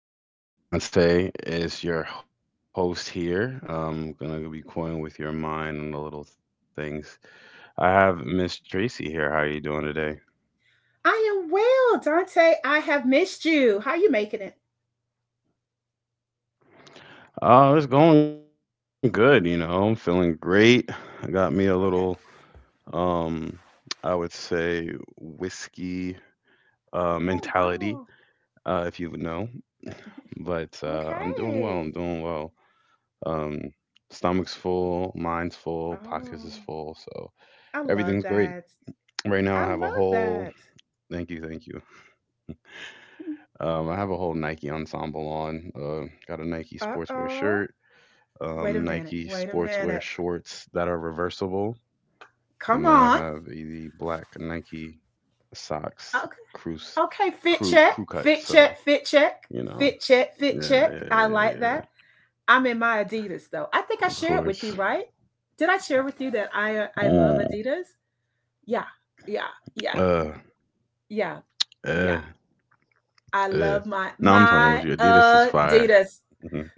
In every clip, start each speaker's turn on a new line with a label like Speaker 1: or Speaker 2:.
Speaker 1: everyone. Thank you for joining us. With Dante is your host here. I'm gonna be toying with your mind and the little things. I have Miss Tracy here. How are you doing today?
Speaker 2: I am well, Dante. I have missed you. How you making it?
Speaker 1: Oh, it's going good. You know, I'm feeling great. I
Speaker 2: Okay.
Speaker 1: got me a little,
Speaker 2: Okay.
Speaker 1: um, I would say whiskey
Speaker 2: Oh
Speaker 1: mentality,
Speaker 2: wow.
Speaker 1: if you would know. But I'm doing well.
Speaker 2: Okay.
Speaker 1: I'm doing well. Um, stomach's full, mind's full, pockets is
Speaker 2: Oh,
Speaker 1: full, so
Speaker 2: I love
Speaker 1: everything's great.
Speaker 2: that.
Speaker 1: Right now,
Speaker 2: I
Speaker 1: I have a
Speaker 2: love
Speaker 1: whole
Speaker 2: that.
Speaker 1: thank you, thank you. I have a whole Nike ensemble on. Got a Nike
Speaker 2: Uh
Speaker 1: sportswear
Speaker 2: oh.
Speaker 1: shirt,
Speaker 2: Wait a minute.
Speaker 1: Nike
Speaker 2: Wait a
Speaker 1: sportswear
Speaker 2: minute.
Speaker 1: shorts that are reversible,
Speaker 2: Come
Speaker 1: and then I
Speaker 2: on.
Speaker 1: have the black Nike socks,
Speaker 2: Okay.
Speaker 1: crew,
Speaker 2: Okay, fit check,
Speaker 1: crew cut.
Speaker 2: fit
Speaker 1: So
Speaker 2: check, fit check,
Speaker 1: you know,
Speaker 2: fit check, fit
Speaker 1: yeah,
Speaker 2: check.
Speaker 1: yeah, yeah,
Speaker 2: I
Speaker 1: yeah.
Speaker 2: like
Speaker 1: yeah,
Speaker 2: that. I'm in my Adidas though. I think
Speaker 1: Of
Speaker 2: I shared
Speaker 1: course.
Speaker 2: with you, right? Did I share with you that I love
Speaker 1: Mm.
Speaker 2: Adidas? Yeah, yeah, yeah,
Speaker 1: Uh,
Speaker 2: yeah,
Speaker 1: uh,
Speaker 2: yeah. I
Speaker 1: uh.
Speaker 2: love my
Speaker 1: No, I'm playing with
Speaker 2: my
Speaker 1: you. Adidas is fire.
Speaker 2: Adidas,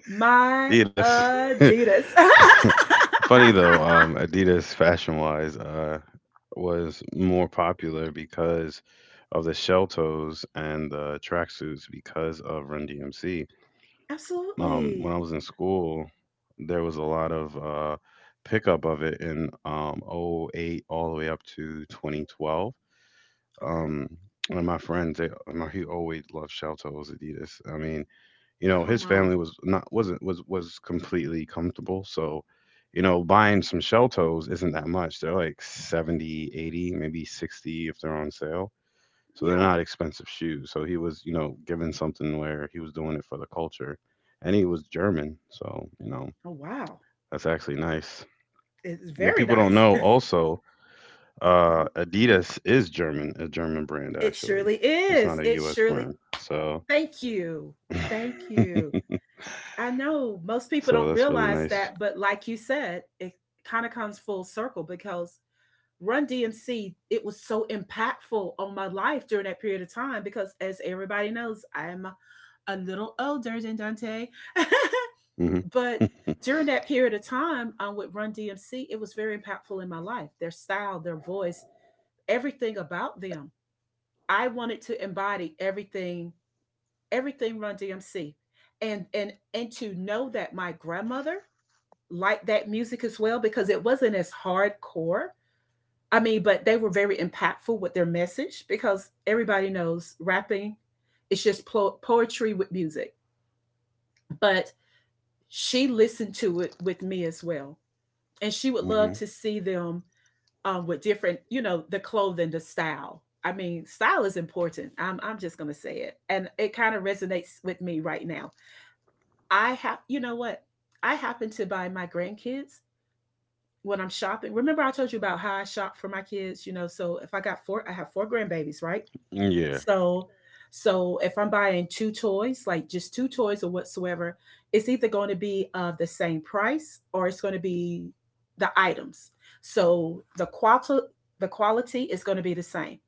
Speaker 2: my
Speaker 1: Adidas.
Speaker 2: Adidas.
Speaker 1: Funny though, Adidas fashion wise was more popular because of the shell toes and the tracksuits because of Run DMC. When I
Speaker 2: Absolutely.
Speaker 1: was in school, there was a lot of pickup of it in oh '08 all the way up to 2012.
Speaker 2: Okay,
Speaker 1: Um, one of my friends, he always loved shell toes Adidas. I mean, you know
Speaker 2: come
Speaker 1: his
Speaker 2: on.
Speaker 1: family was not wasn't was completely comfortable, so you know buying some shell toes isn't that much. They're like 70, 80, maybe 60 if they're on sale. So they're
Speaker 2: Yeah.
Speaker 1: not expensive shoes, so he was, you know, given something where he was doing it for the culture, and he was German, so you know
Speaker 2: Oh wow,
Speaker 1: that's actually nice.
Speaker 2: it's
Speaker 1: But
Speaker 2: very
Speaker 1: people don't
Speaker 2: nice.
Speaker 1: know also
Speaker 2: Mhm.
Speaker 1: Adidas is german a German brand
Speaker 2: It
Speaker 1: actually.
Speaker 2: surely
Speaker 1: It's
Speaker 2: is.
Speaker 1: not a
Speaker 2: It
Speaker 1: US
Speaker 2: surely
Speaker 1: brand. So
Speaker 2: thank you. Thank you. I know most people don't
Speaker 1: so that's really
Speaker 2: realize that,
Speaker 1: nice.
Speaker 2: but like you said, it kind of comes full circle because Run DMC, it was so impactful on my life during that period of time because as everybody knows, I'm a little older than Dante.
Speaker 1: Mhm.
Speaker 2: But during that period of time with Run DMC, it was very impactful in my life. Their style, their voice, everything about them. I wanted to embody everything Run DMC. And to know that my grandmother liked that music as well because it wasn't as hardcore. I mean, but they were very impactful with their message because everybody knows rapping, it's just poetry with music. But she listened to it with me as well. And she would love to
Speaker 1: Mhm.
Speaker 2: see them with different, you know, the clothing, the style. I mean, style is important. I'm just going to say it. And it kind of resonates with me right now. I have, you know what? I happen to buy my grandkids when I'm shopping. Remember, I told you about how I shop for my kids, you know? So if I got four, I have four grandbabies, right?
Speaker 1: Yeah.
Speaker 2: So, so if I'm buying two toys, like just two toys or whatsoever, it's either going to be of the same price or it's going to be the items. So the quality is going to be the same.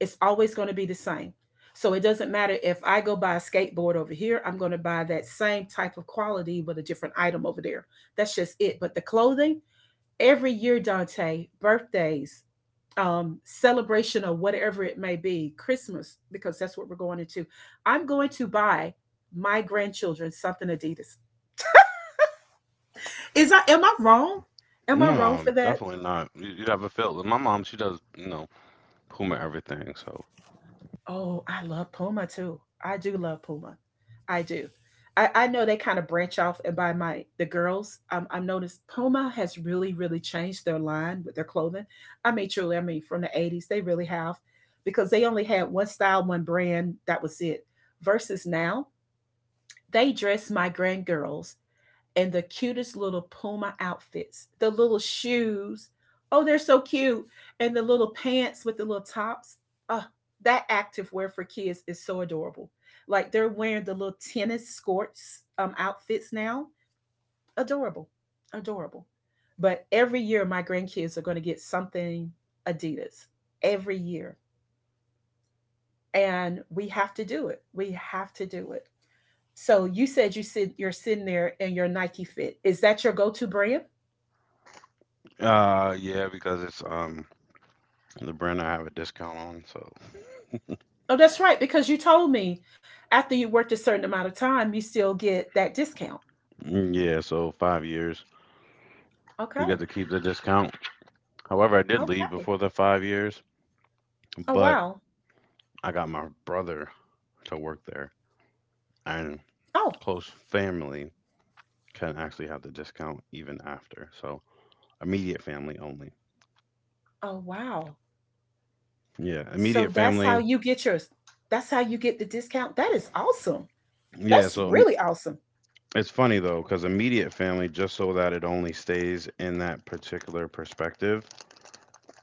Speaker 2: It's always going to be the same. So it doesn't matter if I go buy a skateboard over here, I'm going to buy that same type of quality with a different item over there. That's just it. But the clothing, every year, Dante, birthdays, celebration or whatever it may be, Christmas, because that's what we're going into. I'm going to buy my grandchildren something Adidas. Is I am I wrong? Am I
Speaker 1: No,
Speaker 2: wrong for that?
Speaker 1: definitely not. You have a feel. My mom, she does, you know, Puma everything. So,
Speaker 2: Oh, I love Puma too. I do love Puma. I do. I know they kind of branch off and buy my the girls. I've noticed Puma has really changed their line with their clothing. I mean, truly, I mean, from the '80s, they really have, because they only had one style, one brand. That was it. Versus now, they dress my grand girls and the cutest little Puma outfits. The little shoes, oh, they're so cute. And the little pants with the little tops. Oh, that active wear for kids is so adorable. Like they're wearing the little tennis skirts outfits now. Adorable, adorable. But every year, my grandkids are going to get something Adidas every year. And we have to do it. We have to do it. So you said you're sitting there in your Nike fit. Is that your go-to brand?
Speaker 1: yeah, because it's the brand I have a discount on. So,
Speaker 2: Oh, that's right. Because you told me after you worked a certain amount of time, you still get that discount.
Speaker 1: mm, yeah, so 5 years you
Speaker 2: Okay.
Speaker 1: get to keep the discount. However, I did leave
Speaker 2: Okay.
Speaker 1: before the 5 years,
Speaker 2: Oh,
Speaker 1: but
Speaker 2: wow.
Speaker 1: I got my brother to work there, and
Speaker 2: Oh,
Speaker 1: close family can actually have the discount even after. So, immediate family only.
Speaker 2: oh, wow.
Speaker 1: Yeah,
Speaker 2: So
Speaker 1: immediate
Speaker 2: that's how
Speaker 1: family.
Speaker 2: you get yours. That's how you get the discount. That is awesome.
Speaker 1: Yeah,
Speaker 2: That's
Speaker 1: so
Speaker 2: really awesome.
Speaker 1: it's funny though, because immediate family, just so that it only stays in that particular perspective,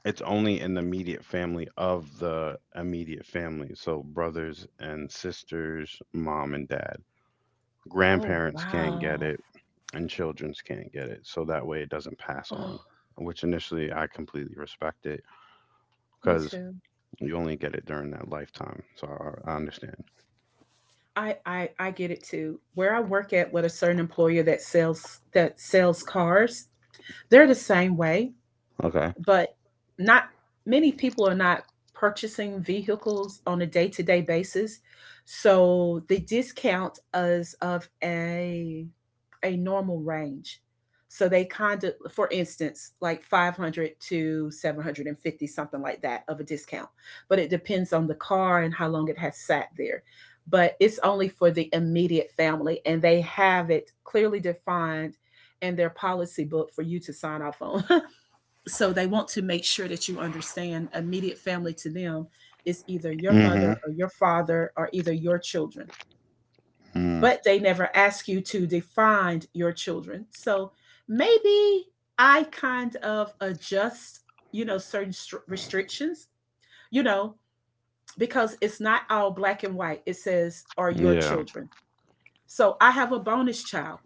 Speaker 1: it's only in the immediate family of the immediate family. So brothers and sisters, mom and dad.
Speaker 2: Oh,
Speaker 1: Grandparents can't get
Speaker 2: wow.
Speaker 1: it, and childrens can't get it. So that way it doesn't pass on,
Speaker 2: Oh,
Speaker 1: which initially I completely respect it
Speaker 2: me
Speaker 1: because
Speaker 2: too.
Speaker 1: you only get it during that lifetime. So I understand.
Speaker 2: I get it too. Where I work at with a certain employer that sells cars, they're the same way,
Speaker 1: Okay.
Speaker 2: but not many people are not purchasing vehicles on a day-to-day basis, so the discount is of a normal range. So they kind of, for instance, like 500 to 750, something like that of a discount, but it depends on the car and how long it has sat there. But it's only for the immediate family, and they have it clearly defined in their policy book for you to sign off on. So they want to make sure that you understand immediate family to them is either your
Speaker 1: Mm
Speaker 2: mother or your father or either your children,
Speaker 1: hmm. Mm,
Speaker 2: but they never ask you to define your children. So maybe I kind of adjust, you know, certain restrictions, you know, because it's not all black and white. It says are your
Speaker 1: yeah.
Speaker 2: children. So I have a bonus child.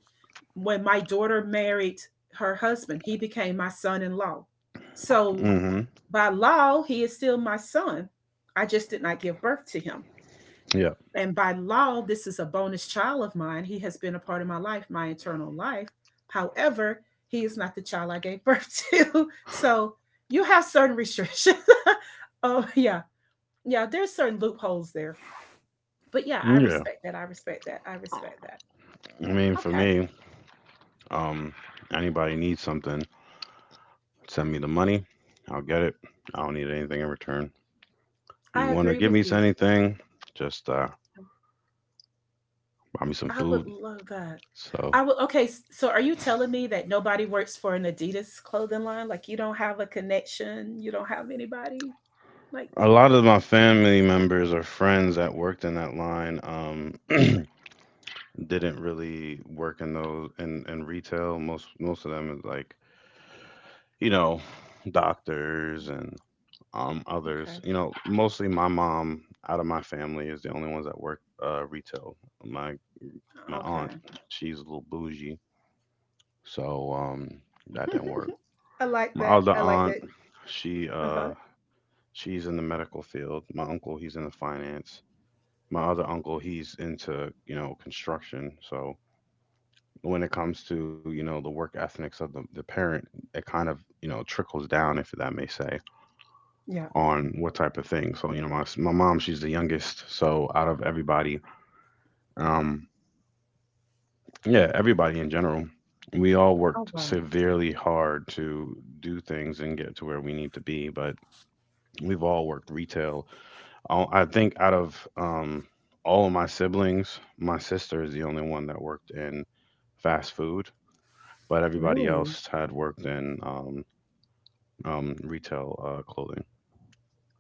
Speaker 2: When my daughter married her husband, he became my son in law. So
Speaker 1: Mm hmm.
Speaker 2: by law, he is still my son. I just did not give birth to him.
Speaker 1: Yeah.
Speaker 2: And by law, this is a bonus child of mine. He has been a part of my life, my eternal life. However, he is not the child I gave birth to. So you have certain restrictions. Oh, yeah. Yeah, there's certain loopholes there. But yeah, I
Speaker 1: Yeah.
Speaker 2: respect that. I respect that. I respect that.
Speaker 1: I mean, for
Speaker 2: Okay.
Speaker 1: me, Um, anybody needs something, send me the money. I'll get it. I don't need anything in return. If you
Speaker 2: I
Speaker 1: want to
Speaker 2: agree
Speaker 1: give me
Speaker 2: with you.
Speaker 1: anything, just buy me some
Speaker 2: I
Speaker 1: food.
Speaker 2: would love that.
Speaker 1: So
Speaker 2: I would okay, so are you telling me that nobody works for an Adidas clothing line? Like you don't have a connection, you don't have anybody? Like
Speaker 1: a lot of my family members or friends that worked in that line didn't really work in in retail. Most of them is like you know doctors and others.
Speaker 2: okay.
Speaker 1: You know, mostly my mom out of my family is the only ones that work retail. My my aunt.
Speaker 2: Okay.
Speaker 1: She's a little bougie, so that didn't work.
Speaker 2: I like
Speaker 1: My
Speaker 2: that.
Speaker 1: other
Speaker 2: I like
Speaker 1: aunt,
Speaker 2: that.
Speaker 1: she
Speaker 2: Uh-huh.
Speaker 1: uh, she's in the medical field. My uncle, he's in the finance. My other uncle, he's into you know construction. So when it comes to you know the work ethics of the parent, it kind of you know trickles down, if that may say,
Speaker 2: Yeah.
Speaker 1: on what type of thing. So you know my mom, she's the youngest. So out of everybody, um, yeah, everybody in general. We all
Speaker 2: Oh
Speaker 1: worked
Speaker 2: wow.
Speaker 1: severely hard to do things and get to where we need to be, but we've all worked retail. I think out of all of my siblings, my sister is the only one that worked in fast food, but everybody
Speaker 2: Really?
Speaker 1: else had worked in retail clothing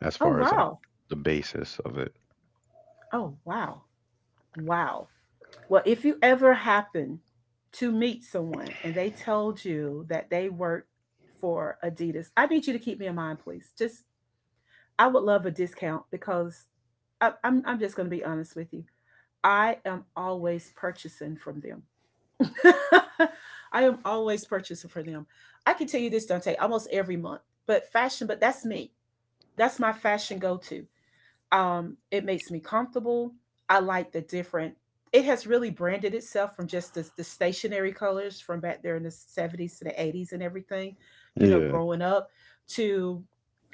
Speaker 1: as
Speaker 2: Oh
Speaker 1: far as like
Speaker 2: wow.
Speaker 1: the basis of it.
Speaker 2: Oh wow. Wow. Well, if you ever happen to meet someone and they told you that they work for Adidas, I need you to keep me in mind, please. Just I would love a discount because I'm just going to be honest with you. I am always purchasing from them. I am always purchasing for them. I can tell you this, Dante, almost every month. But fashion, but that's me. That's my fashion go to. It makes me comfortable. I like the different. It has really branded itself from just the stationary colors from back there in the '70s to the '80s and everything, you know,
Speaker 1: Yeah,
Speaker 2: growing up to,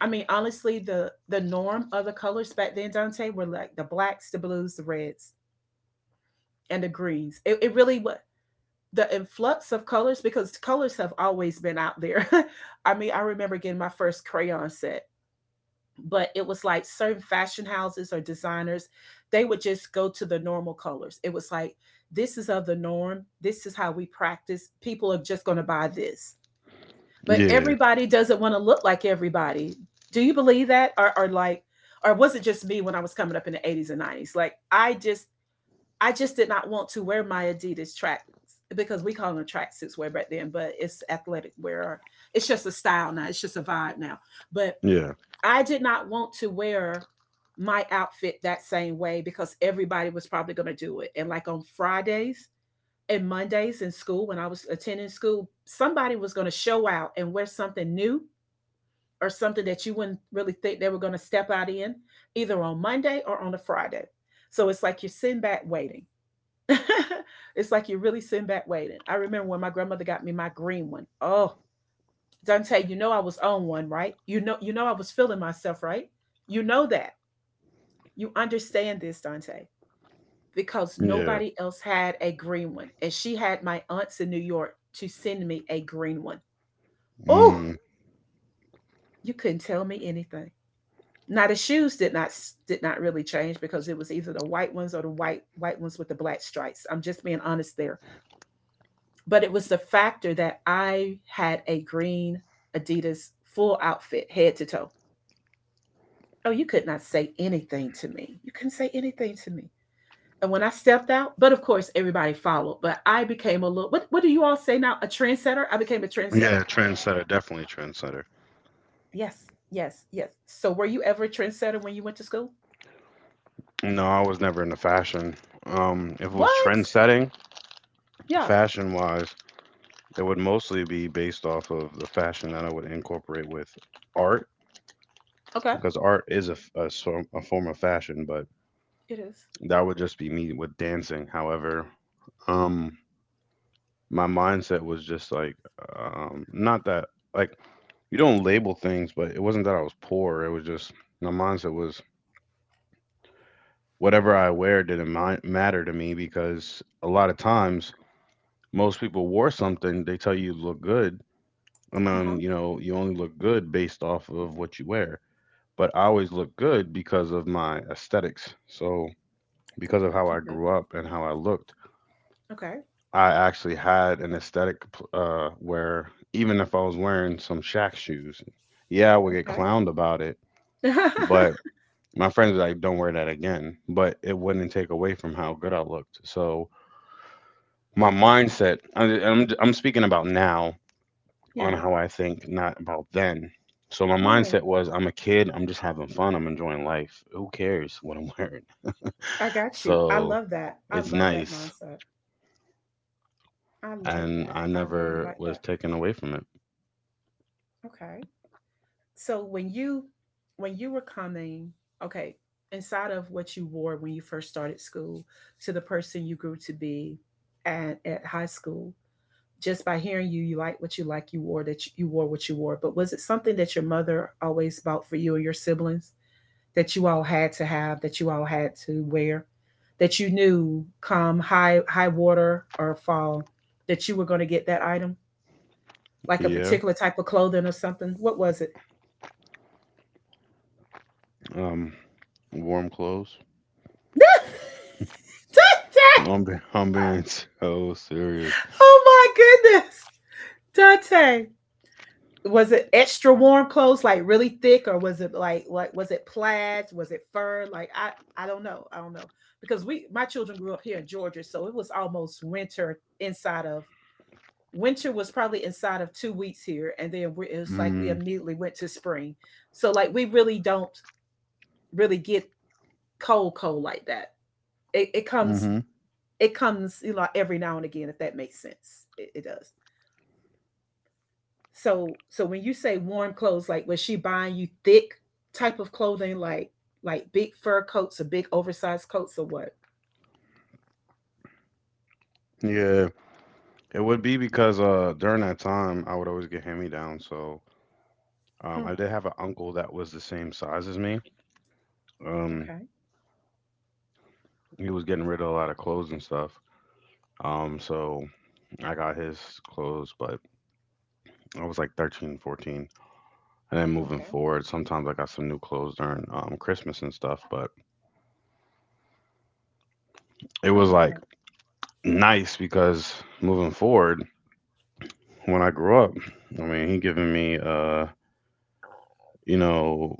Speaker 2: I mean, honestly, the norm of the colors back then, Dante, were like the blacks, the blues, the reds, and the greens. It really was the influx of colors because colors have always been out there. I mean, I remember getting my first crayon set, but it was like certain fashion houses or designers, they would just go to the normal colors. It was like, this is of the norm, this is how we practice, people are just going to buy this. But
Speaker 1: yeah,
Speaker 2: everybody doesn't want to look like everybody. Do you believe that, or like, or was it just me when I was coming up in the '80s and '90s? Like I just did not want to wear my Adidas track, because we call them tracksuits way back then, but it's athletic wear, or it's just a style now, it's just a vibe now. But
Speaker 1: yeah,
Speaker 2: I did not want to wear my outfit that same way because everybody was probably going to do it. And like on Fridays and Mondays in school, when I was attending school, somebody was going to show out and wear something new or something that you wouldn't really think they were going to step out in, either on Monday or on a Friday. So it's like you're sitting back waiting. It's like you're really sitting back waiting. I remember when my grandmother got me my green one. Oh, Dante, you know I was on one, right? You know I was feeling myself, right? You know that. You understand this, Dante, because
Speaker 1: yeah.
Speaker 2: nobody else had a green one. And she had my aunts in New York to send me a green one. Oh,
Speaker 1: Mm.
Speaker 2: you couldn't tell me anything. Now the shoes did not really change because it was either the white ones or the white ones with the black stripes. I'm just being honest there. But it was the factor that I had a green Adidas full outfit head to toe. Oh, you could not say anything to me. You couldn't say anything to me. And when I stepped out, but of course everybody followed. But I became a little what do you all say now? A trendsetter? I became a trendsetter.
Speaker 1: Yeah, trendsetter, definitely a trendsetter.
Speaker 2: Yes, yes, yes. So were you ever a trendsetter when you went to school?
Speaker 1: No, I was never into fashion. If it was
Speaker 2: What?
Speaker 1: trend setting,
Speaker 2: Yeah.
Speaker 1: fashion wise, it would mostly be based off of the fashion that I would incorporate with art,
Speaker 2: Okay.
Speaker 1: because art is a, f- a s- a form of fashion, but
Speaker 2: It is.
Speaker 1: that would just be me with dancing. However, um, my mindset was just like, not that, like, you don't label things, but it wasn't that I was poor. It was just, my mindset was, whatever I wear didn't matter to me because a lot of times, most people wore something, they tell you look good. And
Speaker 2: Uh-huh.
Speaker 1: then, you know, you only look good based off of what you wear. But I always look good because of my aesthetics. So, because of how I
Speaker 2: Okay.
Speaker 1: grew up and how I looked,
Speaker 2: Okay.
Speaker 1: I actually had an aesthetic where even if I was wearing some Shaq shoes, yeah, I would get
Speaker 2: Okay.
Speaker 1: clowned about it. But my friends were like, don't wear that again. But it wouldn't take away from how good I looked. So, my mindset, I'm speaking about now on
Speaker 2: Yeah.
Speaker 1: how I think, not about then. So my
Speaker 2: Yes.
Speaker 1: mindset was I'm a kid, I'm just having fun, I'm enjoying life. Who cares what I'm wearing?
Speaker 2: I got you. I
Speaker 1: So
Speaker 2: love that. I
Speaker 1: it's
Speaker 2: love that
Speaker 1: nice.
Speaker 2: mindset. I like
Speaker 1: And
Speaker 2: that.
Speaker 1: I
Speaker 2: I really
Speaker 1: never
Speaker 2: like
Speaker 1: was
Speaker 2: that.
Speaker 1: taken away from it.
Speaker 2: Okay. So when you were coming, okay, inside of what you wore when you first started school to the person you grew to be at high school, just by hearing you, you like what you like, you wore that you wore what you wore. But was it something that your mother always bought for you and your siblings that you all had to have, that you all had to wear, that you knew come high water or fall that you were going to get that item, like a
Speaker 1: Yeah.
Speaker 2: particular type of clothing or something? What was it?
Speaker 1: Um warm clothes. I'm being so serious.
Speaker 2: Oh my goodness, Dante. Was it extra warm clothes, like really thick, or was it like was it plaid? Was it fur? Like I don't know. I don't know because we my children grew up here in Georgia, so it was almost winter. Inside of Winter was probably inside of 2 weeks here, and then it was like we
Speaker 1: Mm,
Speaker 2: immediately went to spring. So like we really don't really get cold cold like that. It, it
Speaker 1: mm
Speaker 2: comes
Speaker 1: mhm.
Speaker 2: it comes every now and again, if that makes sense. It does. So when you say warm clothes, like was she buying you thick type of clothing, like big fur coats or big oversized coats or what?
Speaker 1: Yeah. It would be because during that time I would always get hand me downs. So
Speaker 2: Oh,
Speaker 1: I did have an uncle that was the same size as me. Um
Speaker 2: okay,
Speaker 1: he was getting rid of a lot of clothes and stuff. So I got his clothes, but I was like 13, 14. And then moving
Speaker 2: okay,
Speaker 1: forward, sometimes I got some new clothes during Christmas and stuff. But it
Speaker 2: I
Speaker 1: was
Speaker 2: like
Speaker 1: like
Speaker 2: that.
Speaker 1: nice because moving forward, when I grew up, I mean, he giving me, you know,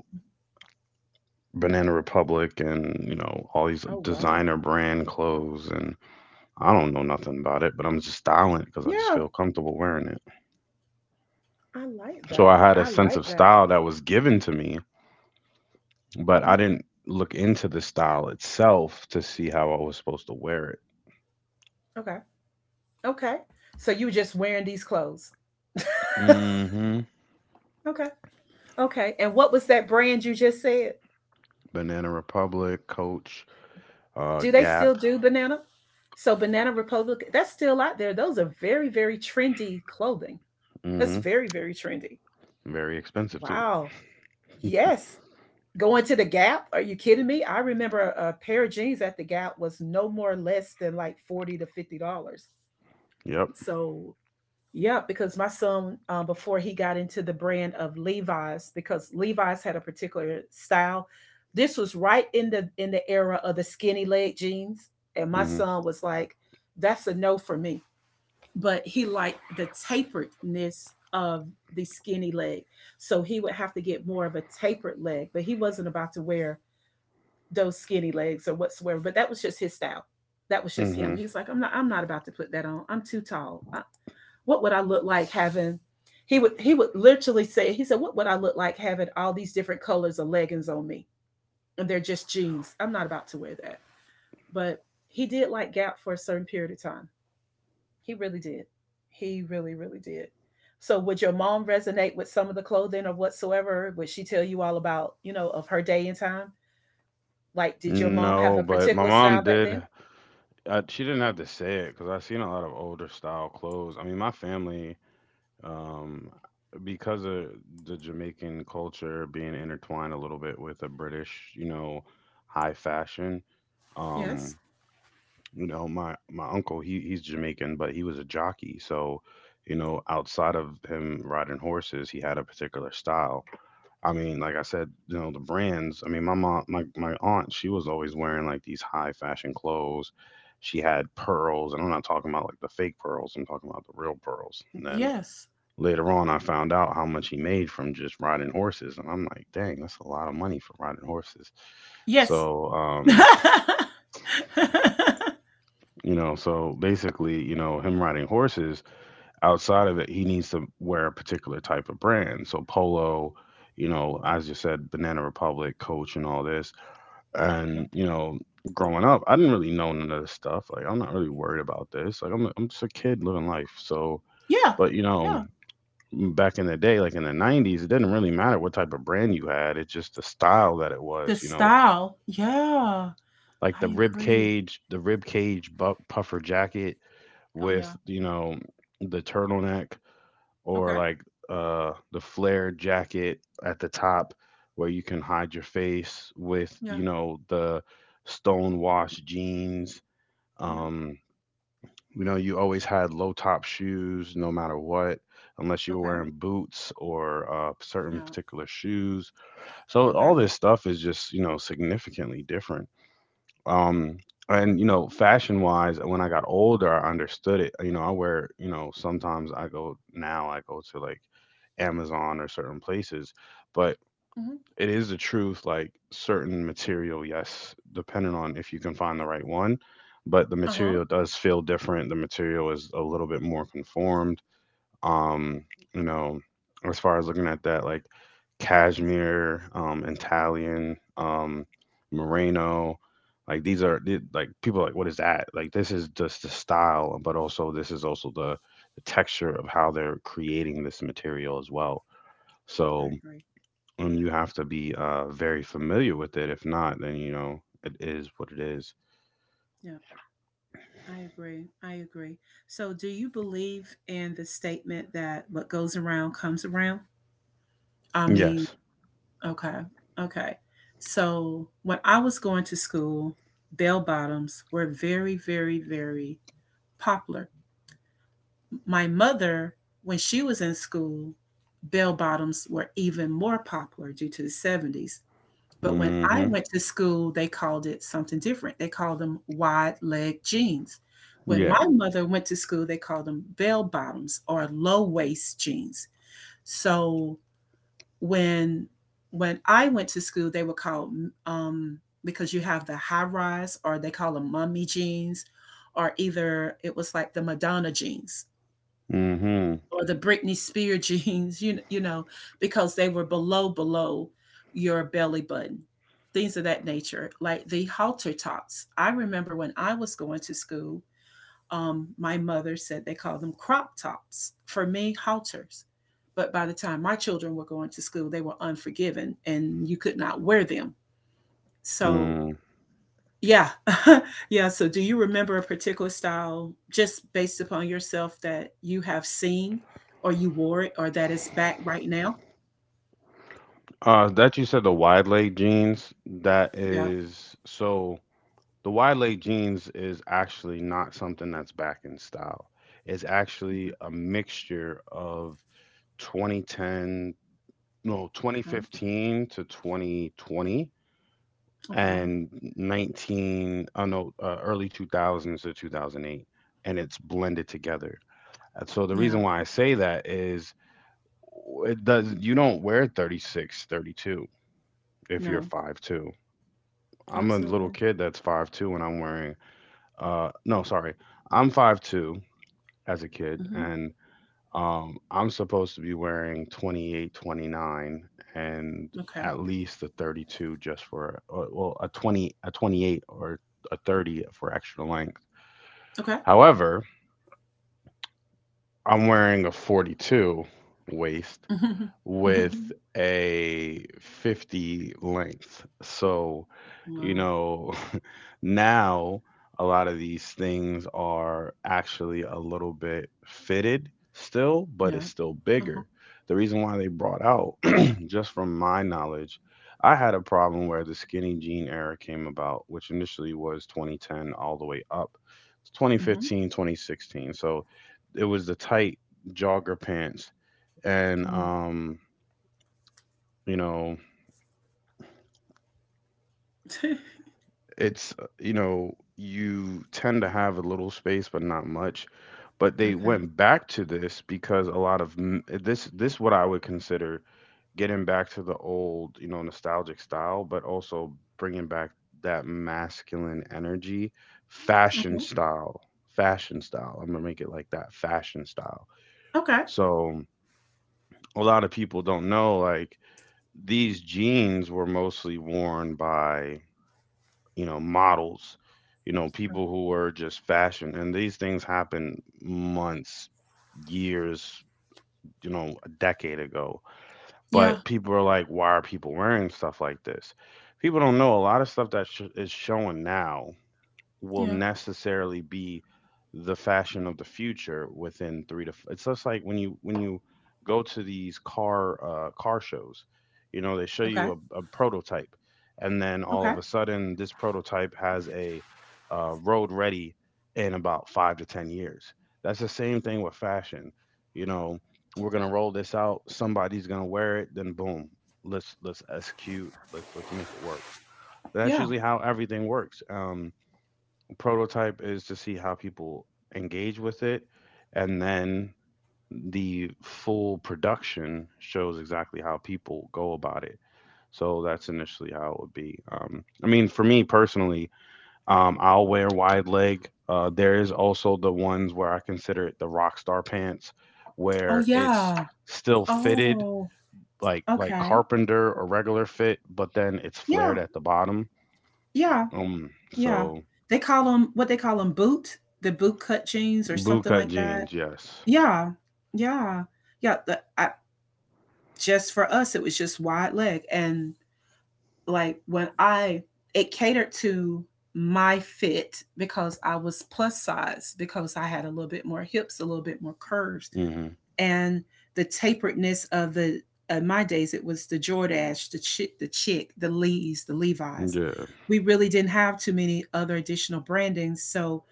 Speaker 1: Banana Republic and, you know, all these
Speaker 2: Oh wow,
Speaker 1: designer brand clothes. And I don't know nothing about it, but I'm just styling it because I just
Speaker 2: yeah,
Speaker 1: feel comfortable wearing it.
Speaker 2: I like
Speaker 1: So
Speaker 2: that.
Speaker 1: I had a
Speaker 2: I
Speaker 1: sense
Speaker 2: like
Speaker 1: of
Speaker 2: that.
Speaker 1: style that was given to me, but
Speaker 2: Hmm.
Speaker 1: I didn't look into the style itself to see how I was supposed to wear it.
Speaker 2: Okay, okay. So you were just wearing these clothes.
Speaker 1: hmm
Speaker 2: Okay, okay. And what was that brand you just said?
Speaker 1: Banana Republic, Coach,
Speaker 2: Do they still
Speaker 1: Gap.
Speaker 2: do banana? So Banana Republic, that's still out there. Those are very, very trendy clothing. That's
Speaker 1: hmm
Speaker 2: very, very trendy.
Speaker 1: Very expensive too.
Speaker 2: Wow. Yes. Going to the Gap? Are you kidding me? I remember a pair of jeans at the Gap was no more less than like $40 to $50.
Speaker 1: Yep.
Speaker 2: So yeah, because my son before he got into the brand of Levi's, because Levi's had a particular style. This was right in the era of the skinny leg jeans, and my
Speaker 1: hmm
Speaker 2: son was like, "That's a no for me," but he liked the taperedness of the skinny leg. So he would have to get more of a tapered leg, but he wasn't about to wear those skinny legs or whatsoever. But that was just his style. That was just him.
Speaker 1: hmm
Speaker 2: He's like, I'm not about to put that on. I'm too tall. What would I look like having? He would literally say, he said, what would I look like having all these different colors of leggings on me? And they're just jeans. I'm not about to wear that. But he did like Gap for a certain period of time. He really did. He really, really did. So would your mom resonate with some of the clothing or whatsoever? Would she tell you all about of her day and time? Like, did your mom have
Speaker 1: No,
Speaker 2: a
Speaker 1: but my
Speaker 2: particular style
Speaker 1: mom
Speaker 2: back then?
Speaker 1: did. She didn't have to say it because I've seen a lot of older style clothes. I mean, my family, um, because of the Jamaican culture being intertwined a little bit with the British, you know, high fashion.
Speaker 2: Yes.
Speaker 1: Um, you know my uncle he's Jamaican, but he was a jockey, so you know outside of him riding horses he had a particular style. I mean like I said, you know, the brands. I mean my aunt, she was always wearing like these high fashion clothes. She had pearls, and I'm not talking about like the fake pearls, I'm talking about the real pearls. And then
Speaker 2: Yes.
Speaker 1: later on I found out how much he made from just riding horses, and I'm like, dang, that's a lot of money for riding horses.
Speaker 2: Yes.
Speaker 1: So
Speaker 2: Yeah.
Speaker 1: you know, so basically, you know, him riding horses, outside of it, he needs to wear a particular type of brand. So Polo, you know, as you said, Banana Republic, Coach, and all this. And, you know, growing up, I didn't really know none of this stuff. Like, I'm not really worried about this. Like, I'm just a kid living life. So,
Speaker 2: Yeah.
Speaker 1: but, you know, back in the day, like in the '90s, it didn't really matter what type of brand you had. It's just the style that it
Speaker 2: The
Speaker 1: was, you know,
Speaker 2: style. Yeah.
Speaker 1: like
Speaker 2: I agree.
Speaker 1: the rib cage puffer jacket
Speaker 2: Oh yeah.
Speaker 1: with you know the turtleneck, or
Speaker 2: Okay.
Speaker 1: like the flared jacket at the top where you can hide your face, with
Speaker 2: Yeah.
Speaker 1: you know the stone washed jeans.
Speaker 2: Yeah.
Speaker 1: um you know you always had low top shoes no matter what, unless you were
Speaker 2: Okay.
Speaker 1: wearing boots or certain
Speaker 2: Yeah.
Speaker 1: particular shoes. So
Speaker 2: Okay.
Speaker 1: all this stuff is just you know significantly different. um and you know fashion wise, when I got older I understood it. You know I wear, you know, sometimes I go, now I go to like Amazon or certain places, but
Speaker 2: Hmm.
Speaker 1: it is the truth. Like certain material, yes, depending on if you can find the right one, but the
Speaker 2: Uh huh.
Speaker 1: material does feel different. The material is a little bit more conformed. um, you know, as far as looking at that, like cashmere, Italian, merino, like these are like people are like what is that? Like this is just the style, but also this is also the texture of how they're creating this material as well.
Speaker 2: I
Speaker 1: So,
Speaker 2: agree.
Speaker 1: and you have to be very familiar with it. If not, then it is what it is.
Speaker 2: Yeah. I agree. I agree. So, do you believe in the statement that what goes around comes around? I mean,
Speaker 1: Yes.
Speaker 2: okay. Okay. So, when I was going to school, bell bottoms were very, very, very popular. My mother, when she was in school, bell bottoms were even more popular due to the 70s. But when I
Speaker 1: Mm-hmm.
Speaker 2: went to school, they called it something different. They called them wide leg jeans. When
Speaker 1: Yeah.
Speaker 2: my mother went to school, they called them bell bottoms or low waist jeans. So when when I went to school, they were called um, because you have the high rise, or they call them mummy jeans, or either it was like the Madonna jeans
Speaker 1: Mm-hmm.
Speaker 2: or the Britney Spears jeans, because they were below your belly button, things of that nature, like the halter tops. I remember when I was going to school, my mother said they called them crop tops. For me, halters. But by the time my children were going to school, they were unforgiven and you could not wear them. So
Speaker 1: Mm.
Speaker 2: yeah. Yeah. So, do you remember a particular style just based upon yourself that you have seen or you wore it or that is back right now?
Speaker 1: That you said the wide leg jeans, that
Speaker 2: Yeah.
Speaker 1: is so, the wide leg jeans is actually not something that's back in style. It's actually a mixture of 2010, no,
Speaker 2: Okay.
Speaker 1: 2015 to 2020,
Speaker 2: Okay.
Speaker 1: and 19, oh no, early 2000s to 2008, and it's blended together. And so the reason
Speaker 2: Yeah.
Speaker 1: why I say that is it does you don't wear 36, 32 if you're
Speaker 2: No.
Speaker 1: 5'2. I'm a little
Speaker 2: Absolutely.
Speaker 1: kid that's 5'2 and I'm wearing no, sorry. I'm 5'2 as a kid,
Speaker 2: Hmm.
Speaker 1: and I'm supposed to be wearing 28, 29, and
Speaker 2: Okay.
Speaker 1: at least a 32, just for well, a 20, a 28, or a 30 for extra length.
Speaker 2: Okay.
Speaker 1: However, I'm wearing a 42 waist with
Speaker 2: Mhm.
Speaker 1: a 50 length. So, you
Speaker 2: Wow.
Speaker 1: know, now a lot of these things are actually a little bit fitted still, but it's
Speaker 2: Yeah.
Speaker 1: still
Speaker 2: Uh-huh.
Speaker 1: bigger. The reason why they brought out, just from my knowledge, I had a problem where the skinny jean era came about, which initially was 2010 all the way up to
Speaker 2: Hmm.
Speaker 1: 2015, 2016. So it was the tight jogger pants, and you know, you tend to have a little space, but not much. But they
Speaker 2: Okay.
Speaker 1: went back to this because a lot of m- eh, this what I would consider getting back to the old, nostalgic style, but also bringing back that masculine energy, fashion
Speaker 2: Okay.
Speaker 1: style, fashion style. I'm gonna make it like that, fashion style.
Speaker 2: Okay.
Speaker 1: So a lot of people don't know, like, these jeans were mostly worn by, models, people who are just fashion. And these things happen months, years, a decade ago.
Speaker 2: Yeah.
Speaker 1: But people are like, why are people wearing stuff like this? People don't know a lot of stuff that is showing now will
Speaker 2: Yeah.
Speaker 1: necessarily be the fashion of the future within three. It's just like when you go to these car shows. You know they show you
Speaker 2: Okay.
Speaker 1: a prototype, and then all
Speaker 2: Okay.
Speaker 1: of a sudden this prototype has a road ready in about 5 to 10 years. That's the same thing with fashion. You know we're gonna roll this out, somebody's gonna wear it, then boom, let's execute, let's make it work. That's
Speaker 2: Yeah.
Speaker 1: usually how everything works. Prototype is to see how people engage with it, and then the full production shows exactly how people go about it. So that's initially how it would be. I mean, for me personally, I'll wear wide leg. There is also the ones where I consider it the rock star pants,
Speaker 2: Oh,
Speaker 1: where it's
Speaker 2: yeah.
Speaker 1: still fitted,
Speaker 2: Oh,
Speaker 1: like
Speaker 2: okay.
Speaker 1: carpenter or regular fit, but then it's flared
Speaker 2: Yeah.
Speaker 1: at the bottom.
Speaker 2: Yeah. Yeah.
Speaker 1: So,
Speaker 2: They call them what they call them the boot cut jeans or something
Speaker 1: bootcut
Speaker 2: like that.
Speaker 1: jeans, yes.
Speaker 2: Yeah. Yeah. Yeah, the I just for us, it was just wide leg, and, like, when I it catered to my fit because I was plus size, because I had a little bit more hips, a little bit more curves,
Speaker 1: Hmm.
Speaker 2: and the taperedness of the in my days it was the Jordache, the chick, the Lees, the Levi's.
Speaker 1: Yeah.
Speaker 2: We really didn't have too many other additional brandings. So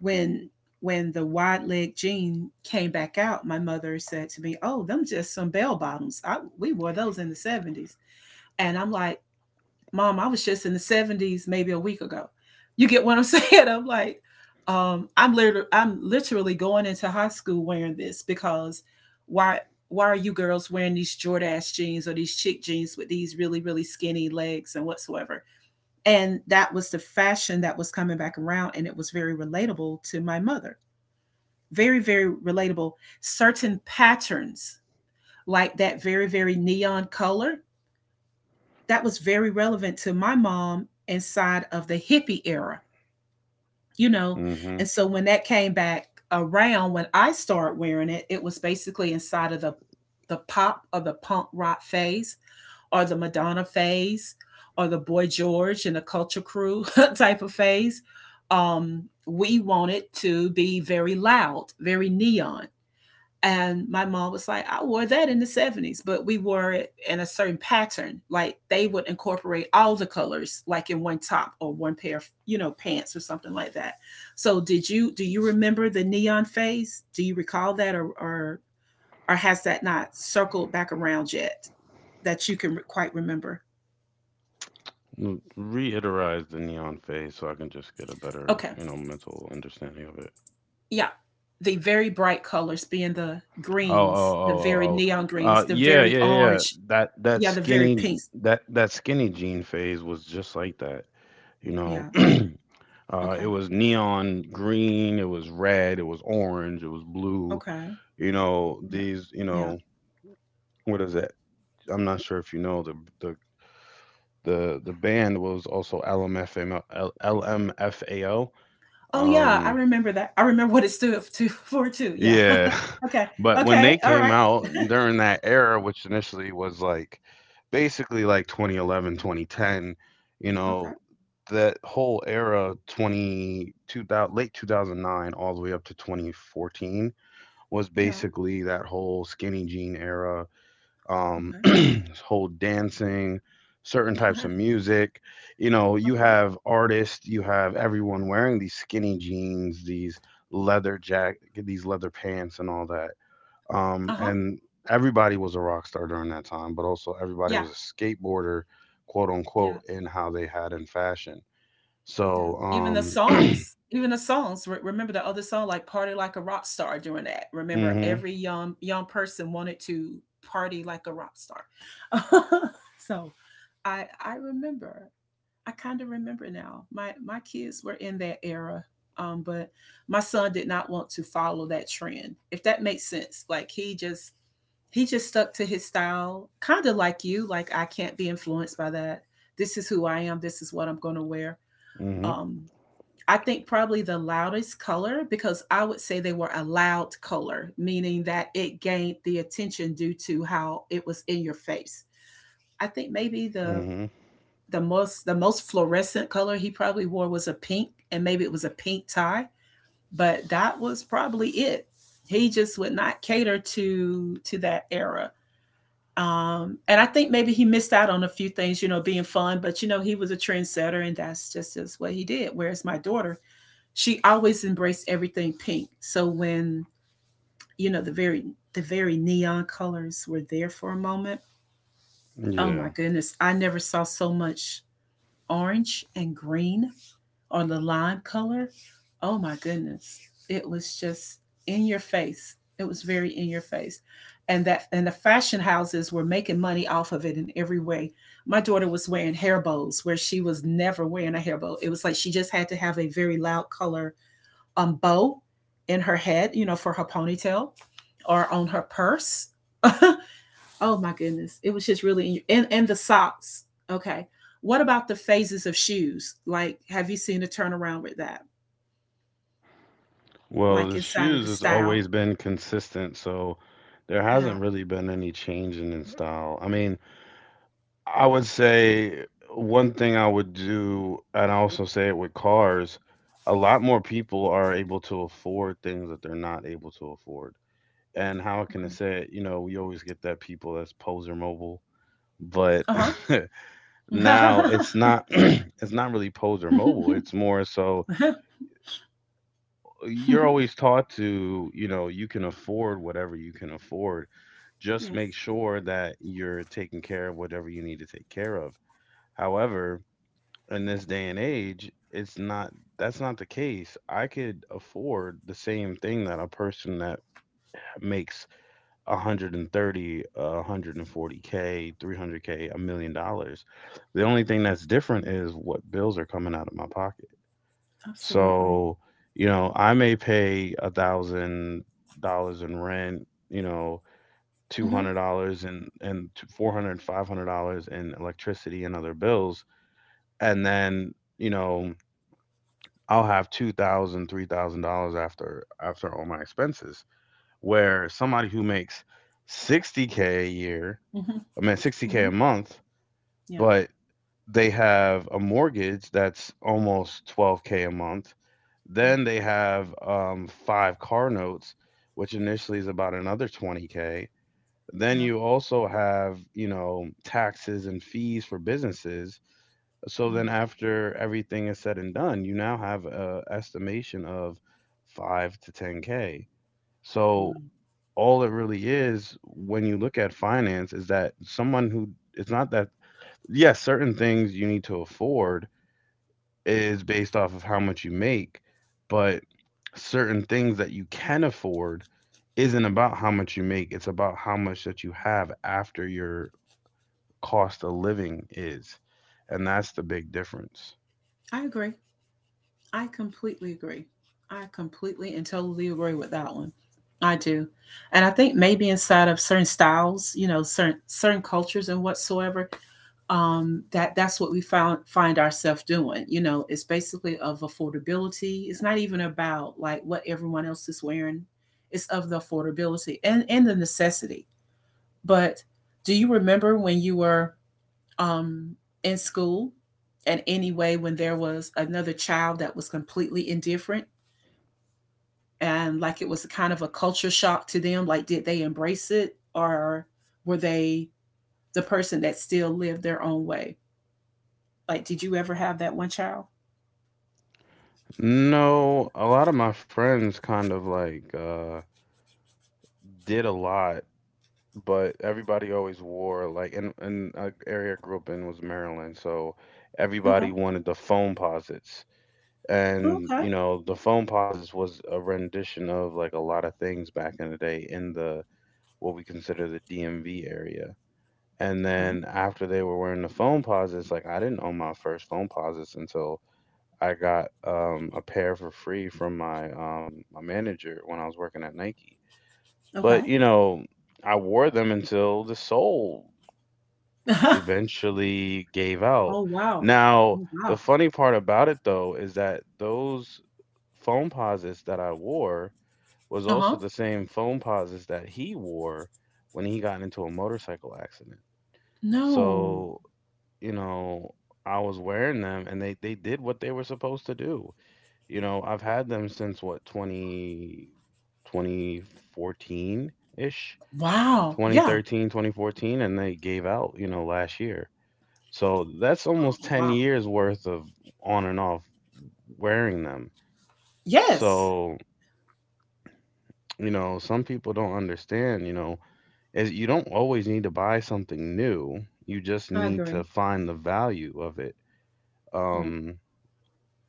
Speaker 2: when when the wide leg jean came back out, my mother said to me, "Oh, them just some bell bottoms. We wore those in the '70s." And I'm like, Mom, I was just in the 70s maybe a week ago. You get what I'm saying? I'm like, I'm literally going into high school wearing this because why why are you girls wearing these Jordache jeans or these chick jeans with these really, really skinny legs and whatsoever? And that was the fashion that was coming back around, and it was very relatable to my mother. Very, very relatable. Certain patterns like that very, very neon color that was very relevant to my mom inside of the hippie era, you know.
Speaker 1: Mm-hmm.
Speaker 2: And so when that came back around, when I started wearing it, it was basically inside of the pop or the punk rock phase, or the Madonna phase, or the Boy George and the Culture Crew type of phase. We wanted to be very loud, very neon. And my mom was like, I wore that in the 70s, but we wore it in a certain pattern. Like they would incorporate all the colors, like in one top or one pair of, pants or something like that. So did you do you remember the neon phase? Do you recall that or has that not circled back around yet that you can quite remember?
Speaker 1: Reiterate the neon phase, so I can just get a better,
Speaker 2: Okay.
Speaker 1: mental understanding of it.
Speaker 2: Yeah. The very bright colors being the
Speaker 1: Oh, oh,
Speaker 2: greens, the
Speaker 1: oh,
Speaker 2: very
Speaker 1: oh,
Speaker 2: neon
Speaker 1: oh.
Speaker 2: greens, the
Speaker 1: Yeah,
Speaker 2: very
Speaker 1: yeah, yeah. Yeah.
Speaker 2: orange,
Speaker 1: That that
Speaker 2: yeah, the very
Speaker 1: skinny
Speaker 2: pinks.
Speaker 1: that that skinny jean phase was just like that. You know,
Speaker 2: Yeah. Okay.
Speaker 1: it was neon green, it was red, it was orange, it was blue.
Speaker 2: Okay.
Speaker 1: You know,
Speaker 2: Yeah. Yeah.
Speaker 1: what is that? I'm not sure if you know, the the band was also LMFAO. LMFAO.
Speaker 2: Oh, yeah, I
Speaker 1: Um,
Speaker 2: remember that. I remember what it stood to for too, yeah.
Speaker 1: Yeah.
Speaker 2: Okay,
Speaker 1: But when
Speaker 2: okay,
Speaker 1: they came
Speaker 2: alright.
Speaker 1: out during that era, which initially was like, basically like, 2011, 2010, you
Speaker 2: Okay,
Speaker 1: know, that whole era, 22,000, late 2009 all the way up to 2014, was
Speaker 2: yeah,
Speaker 1: basically that whole skinny jean era.
Speaker 2: okay,
Speaker 1: This whole dancing, certain types of music. You know, you
Speaker 2: okay.
Speaker 1: have artists, you have everyone wearing these skinny jeans, these leather pants, and all that.
Speaker 2: Uh-huh.
Speaker 1: And everybody was a rock star during that time, but also everybody
Speaker 2: Yeah,
Speaker 1: was a skateboarder, quote
Speaker 2: yeah,
Speaker 1: unquote, in how they had in fashion.
Speaker 2: yeah.
Speaker 1: So,
Speaker 2: Even the songs even the songs, re remember the other song, like, "Party Like a Rock Star" during that. Remember,
Speaker 1: hmm,
Speaker 2: every young person wanted to party like a rock star. So, I remember. I kind of remember now. My kids were in that era, but my son did not want to follow that trend. If that makes sense, like he just stuck to his style, kind of like you. Like I can't be influenced by that. This is who I am. This is what I'm going to wear.
Speaker 1: hmm,
Speaker 2: Um, I think probably the loudest color, because I would say they were a loud color, meaning that it gained the attention due to how it was in your face. I think maybe the
Speaker 1: hmm.
Speaker 2: the most the most fluorescent color he probably wore was a pink, and maybe it was a pink tie, but that was probably it. He just would not cater to that era. And I think maybe he missed out on a few things being fun, but he was a trendsetter, and that's just what he did, whereas my daughter, she always embraced everything pink. So when you know the very the very neon colors were there for a moment. Oh my
Speaker 1: Yeah.
Speaker 2: goodness, I never saw so much orange and green or the lime color. Oh my goodness. It was just in your face. It was very in your face. And the fashion houses were making money off of it in every way. My daughter was wearing hair bows where she was never wearing a hair bow. It was like she just had to have a very loud color bow in her head, for her ponytail or on her purse. Oh my goodness. It was just really and the socks. Okay. What about the phases of shoes? Like have you seen a turnaround with that?
Speaker 1: Well,
Speaker 2: Like
Speaker 1: the
Speaker 2: inside of
Speaker 1: shoes
Speaker 2: the
Speaker 1: has
Speaker 2: style?
Speaker 1: always been consistent, so there
Speaker 2: Yeah.
Speaker 1: hasn't really been any change in its style. I mean, I would say one thing I would do, and I also say it with cars, a lot more people are able to afford things that they're not able to afford. And how can I say it? You know, we always get that, people that's poser mobile, but
Speaker 2: Okay. Uh-huh.
Speaker 1: now it's not it's not really poser mobile. It's more so you're always taught to, you can afford whatever you can afford. Just
Speaker 2: Yes.
Speaker 1: make sure that you're taking care of whatever you need to take care of. However, in this day and age, it's not that's not the case. I could afford the same thing that a person that makes 130, 140k, 300k, $1 million. The only thing that's different is what bills are coming out of my pocket.
Speaker 2: Absolutely.
Speaker 1: So, I may pay $1,000 in rent, two
Speaker 2: Mhm.
Speaker 1: hundred dollars and and 400, $500 in electricity and other bills, and then I'll have 2,000, $3,000 after all my expenses. Where somebody who makes 60 k a year,
Speaker 2: Mhm.
Speaker 1: I mean 60 k
Speaker 2: Mhm.
Speaker 1: a month,
Speaker 2: Yeah.
Speaker 1: but they have a mortgage that's almost 12k a month.
Speaker 2: Mm,
Speaker 1: Then they have five car notes, which initially is about another 20k. Then
Speaker 2: yeah.
Speaker 1: you also have, taxes and fees for businesses. So then
Speaker 2: Mm,
Speaker 1: after everything is said and done, you now have a estimation of 5 to 10k. So
Speaker 2: mm.
Speaker 1: all it really is when you look at finance is that, someone who, it's not that, yes, certain things you need to afford is based off of how much you make, but certain things that you can afford isn't about how much you make, it's about how much that you have after your cost of living is. And that's the big difference.
Speaker 2: I agree. I completely agree. I completely and totally agree with that one. I do. And I think maybe inside of certain styles, certain cultures and whatsoever, that that's what we found find ourselves doing. It's basically of affordability. It's not even about like what everyone else is wearing. It's of the affordability and the necessity. But do you remember when you were um, in school and anyway when there was another child that was completely indifferent, and like it was kind of a culture shock to them? Like, did they embrace it, or were they the person that still lived their own way? Like, did you ever have that one child?
Speaker 1: No, a lot of my friends kind of like did a lot, but everybody always wore, like, and area I grew up in was Maryland, so
Speaker 2: Okay.
Speaker 1: everybody wanted the phone posits. And
Speaker 2: Okay.
Speaker 1: the phone pauses was a rendition of, like, a lot of things back in the day in the what we consider the DMV area. And then after they were wearing the phone pauses, like, I didn't own my first phone pauses until I got a pair for free from my manager when I was working at Nike. But
Speaker 2: Okay.
Speaker 1: I wore them until the sole
Speaker 2: Okay.
Speaker 1: eventually gave out.
Speaker 2: Oh, wow.
Speaker 1: Now,
Speaker 2: Oh,
Speaker 1: the
Speaker 2: wow.
Speaker 1: funny part about it though is that those phone posits that I wore was also the
Speaker 2: Uh-huh.
Speaker 1: same phone posits that he wore when he got into a motorcycle accident.
Speaker 2: No.
Speaker 1: So, you know, I was wearing them and they did what they were supposed to do. I've had them since what, twenty twenty fourteen ish,
Speaker 2: Wow,
Speaker 1: twenty
Speaker 2: yeah.
Speaker 1: thirteen, 2014, and they gave out, last year. So that's
Speaker 2: Oh,
Speaker 1: almost 10
Speaker 2: wow.
Speaker 1: years worth of on and off wearing them.
Speaker 2: Yes.
Speaker 1: So, some people don't understand, is, you don't always need to buy something new. You just
Speaker 2: I
Speaker 1: need to
Speaker 2: agree.
Speaker 1: find the value of it.
Speaker 2: Yeah.
Speaker 1: Um,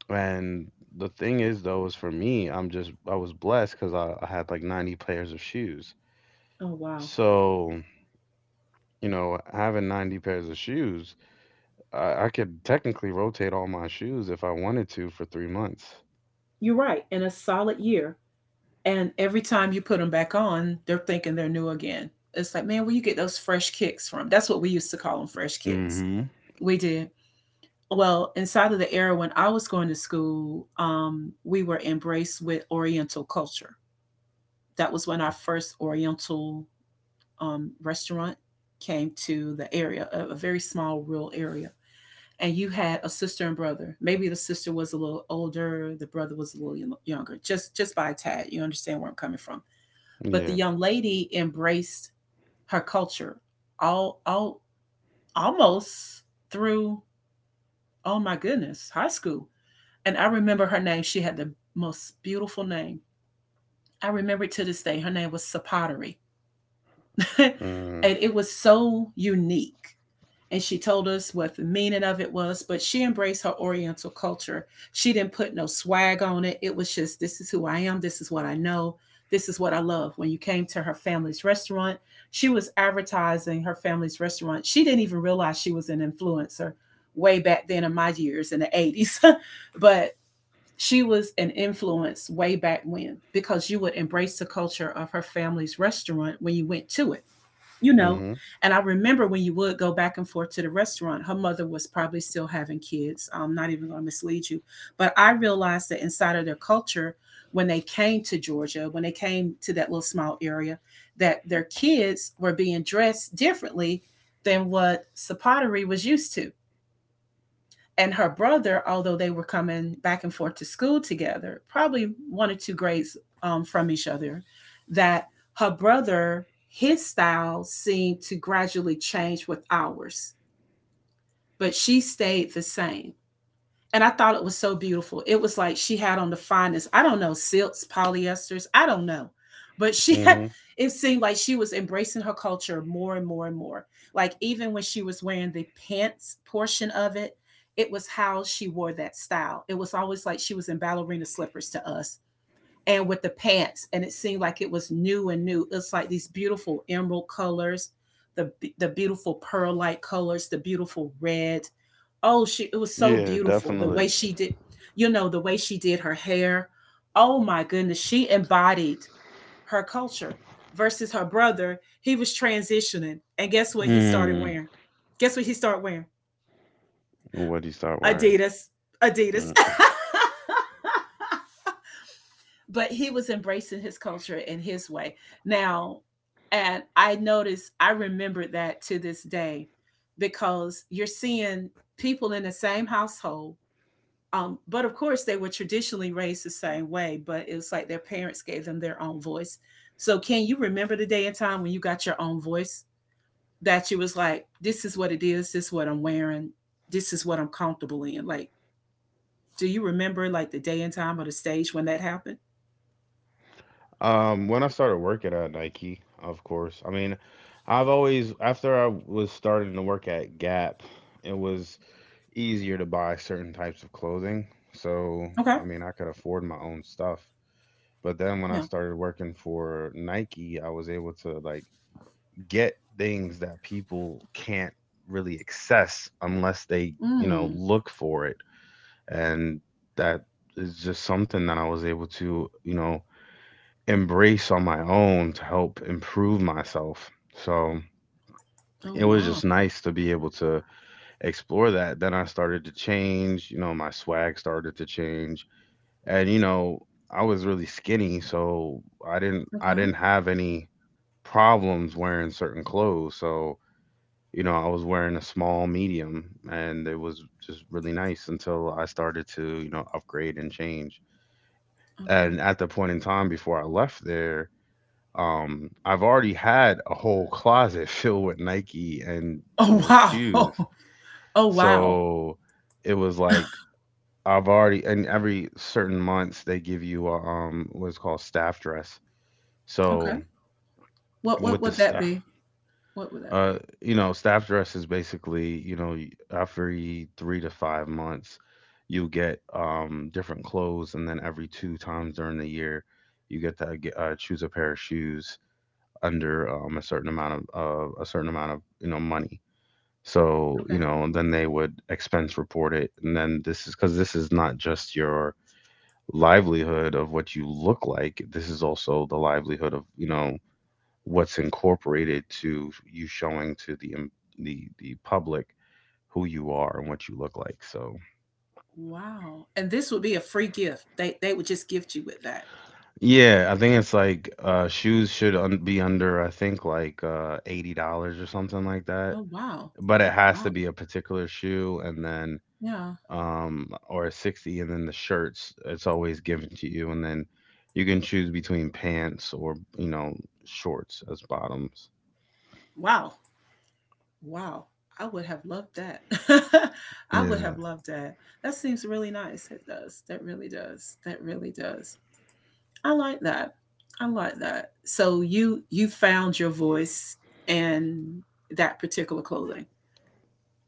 Speaker 1: and the thing is, though, is for me, I was blessed because I had like 90 pairs of shoes.
Speaker 2: Oh, wow.
Speaker 1: So, having 90 pairs of shoes, I could technically rotate all my shoes if I wanted to for 3 months.
Speaker 2: You're right, in a solid year. And every time you put them back on, they're thinking they're new again. It's like, man, where you get those fresh kicks from? That's what we used to call them, fresh kicks.
Speaker 1: Hmm.
Speaker 2: We did. Well, inside of the era when I was going to school, we were embraced with Oriental culture. That was when our first Oriental restaurant came to the area, a very small rural area. And you had a sister and brother. Maybe the sister was a little older, the brother was a little younger, just by a tad. You understand where I'm coming from. But the
Speaker 1: Yeah.
Speaker 2: young lady embraced her culture all almost through, oh my goodness, high school. And I remember her name, she had the most beautiful name. I remember it to this day. Her name was Sapottery. And
Speaker 1: Mm-hmm.
Speaker 2: it was so unique. And she told us what the meaning of it was, but she embraced her Oriental culture. She didn't put no swag on it. It was just, this is who I am, this is what I know, this is what I love. When you came to her family's restaurant, she was advertising her family's restaurant. She didn't even realize she was an influencer way back then, in my years in the 80s. But she was an influence way back when, because you would embrace the culture of her family's restaurant when you went to it you know. And I remember when you would go back and forth to the restaurant, her mother was probably still having kids. I'm not even going to mislead you. But I realized that inside of their culture, when they came to Georgia, when they came to that little small area, that their kids were being dressed differently than what Sapottery was used to. And her brother, although they were coming back and forth to school together, probably one or two grades from each other, that her brother, his style seemed to gradually change with ours, but she stayed the same. And I thought it was so beautiful. It was like she had on the finest, I don't know, silks, polyesters, I don't know. But she had,
Speaker 1: Mm-hmm.
Speaker 2: it seemed like she was embracing her culture more and more and more. Like even when she was wearing the pants portion of it, it was how she wore that style. It was always like she was in ballerina slippers to us, and with the pants, and it seemed like it was new and new. It's like these beautiful emerald colors, the the beautiful pearl like colors, the beautiful red. Oh, she, it was so
Speaker 1: Yeah,
Speaker 2: beautiful the
Speaker 1: definitely.
Speaker 2: way she did, you know, the way she did her hair. Oh my goodness, she embodied her culture versus her brother. He was transitioning, and guess what he started wearing. Guess what he started wearing.
Speaker 1: What do you start wearing?
Speaker 2: Adidas. Adidas.
Speaker 1: Mm.
Speaker 2: But he was embracing his culture in his way. Now, and I noticed, I remembered that to this day, because you're seeing people in the same household. But of course, they were traditionally raised the same way, but it was like their parents gave them their own voice. So, can you remember the day and time when you got your own voice, that you was like, this is what it is, this is what I'm wearing, this is what I'm comfortable in? Like, do you remember like the day and time or the stage when that happened?
Speaker 1: When I started working at Nike, of course. I mean, I've always after I was starting to work at Gap, it was easier to buy certain types of clothing. So,
Speaker 2: Okay.
Speaker 1: I mean, I could afford my own stuff. But then when I
Speaker 2: Yeah.
Speaker 1: started working for Nike, I was able to like get things that people can't really access unless they,
Speaker 2: Mm.
Speaker 1: look for it. And that is just something that I was able to, embrace on my own to help improve myself. So
Speaker 2: Oh,
Speaker 1: it was
Speaker 2: wow.
Speaker 1: just nice to be able to explore that. Then I started to change, my swag started to change. And I was really skinny, so I didn't I
Speaker 2: Okay,
Speaker 1: didn't have any problems wearing certain clothes. So, I was wearing a small medium, and it was just really nice until I started to, upgrade and change.
Speaker 2: okay.
Speaker 1: And at the point in time before I left there, I've already had a whole closet filled with Nike and,
Speaker 2: Oh,
Speaker 1: shoes.
Speaker 2: wow. Oh, wow.
Speaker 1: So it was like I've already and every certain months they give you what's called staff dress.
Speaker 2: Okay.
Speaker 1: So
Speaker 2: What
Speaker 1: with the
Speaker 2: would that
Speaker 1: staff
Speaker 2: be? What would that be?
Speaker 1: staff dress is basically, every 3 to 5 months you get different clothes. And then every two times during the year, you get to choose a pair of shoes under a certain amount of money. So,
Speaker 2: Okay.
Speaker 1: then they would expense report it. And then this is because this is not just your livelihood of what you look like. This is also the livelihood of what's incorporated to you showing to the the public, who you are and what you look like. So,
Speaker 2: Wow. And this would be a free gift. They would just gift you with that.
Speaker 1: yeah, I think it's like shoes should be under, I think, like $80 or something like that,
Speaker 2: Oh, wow.
Speaker 1: but it has to
Speaker 2: Wow.
Speaker 1: be a particular shoe. And then
Speaker 2: Yeah.
Speaker 1: or a 60. And then the shirts, it's always given to you. And then you can choose between pants or, shorts as bottoms.
Speaker 2: Wow. Wow. I would have loved that. I would have
Speaker 1: Yeah.
Speaker 2: loved that. That seems really nice. It does. That really does. That really does. I like that. I like that. So you found your voice in that particular clothing.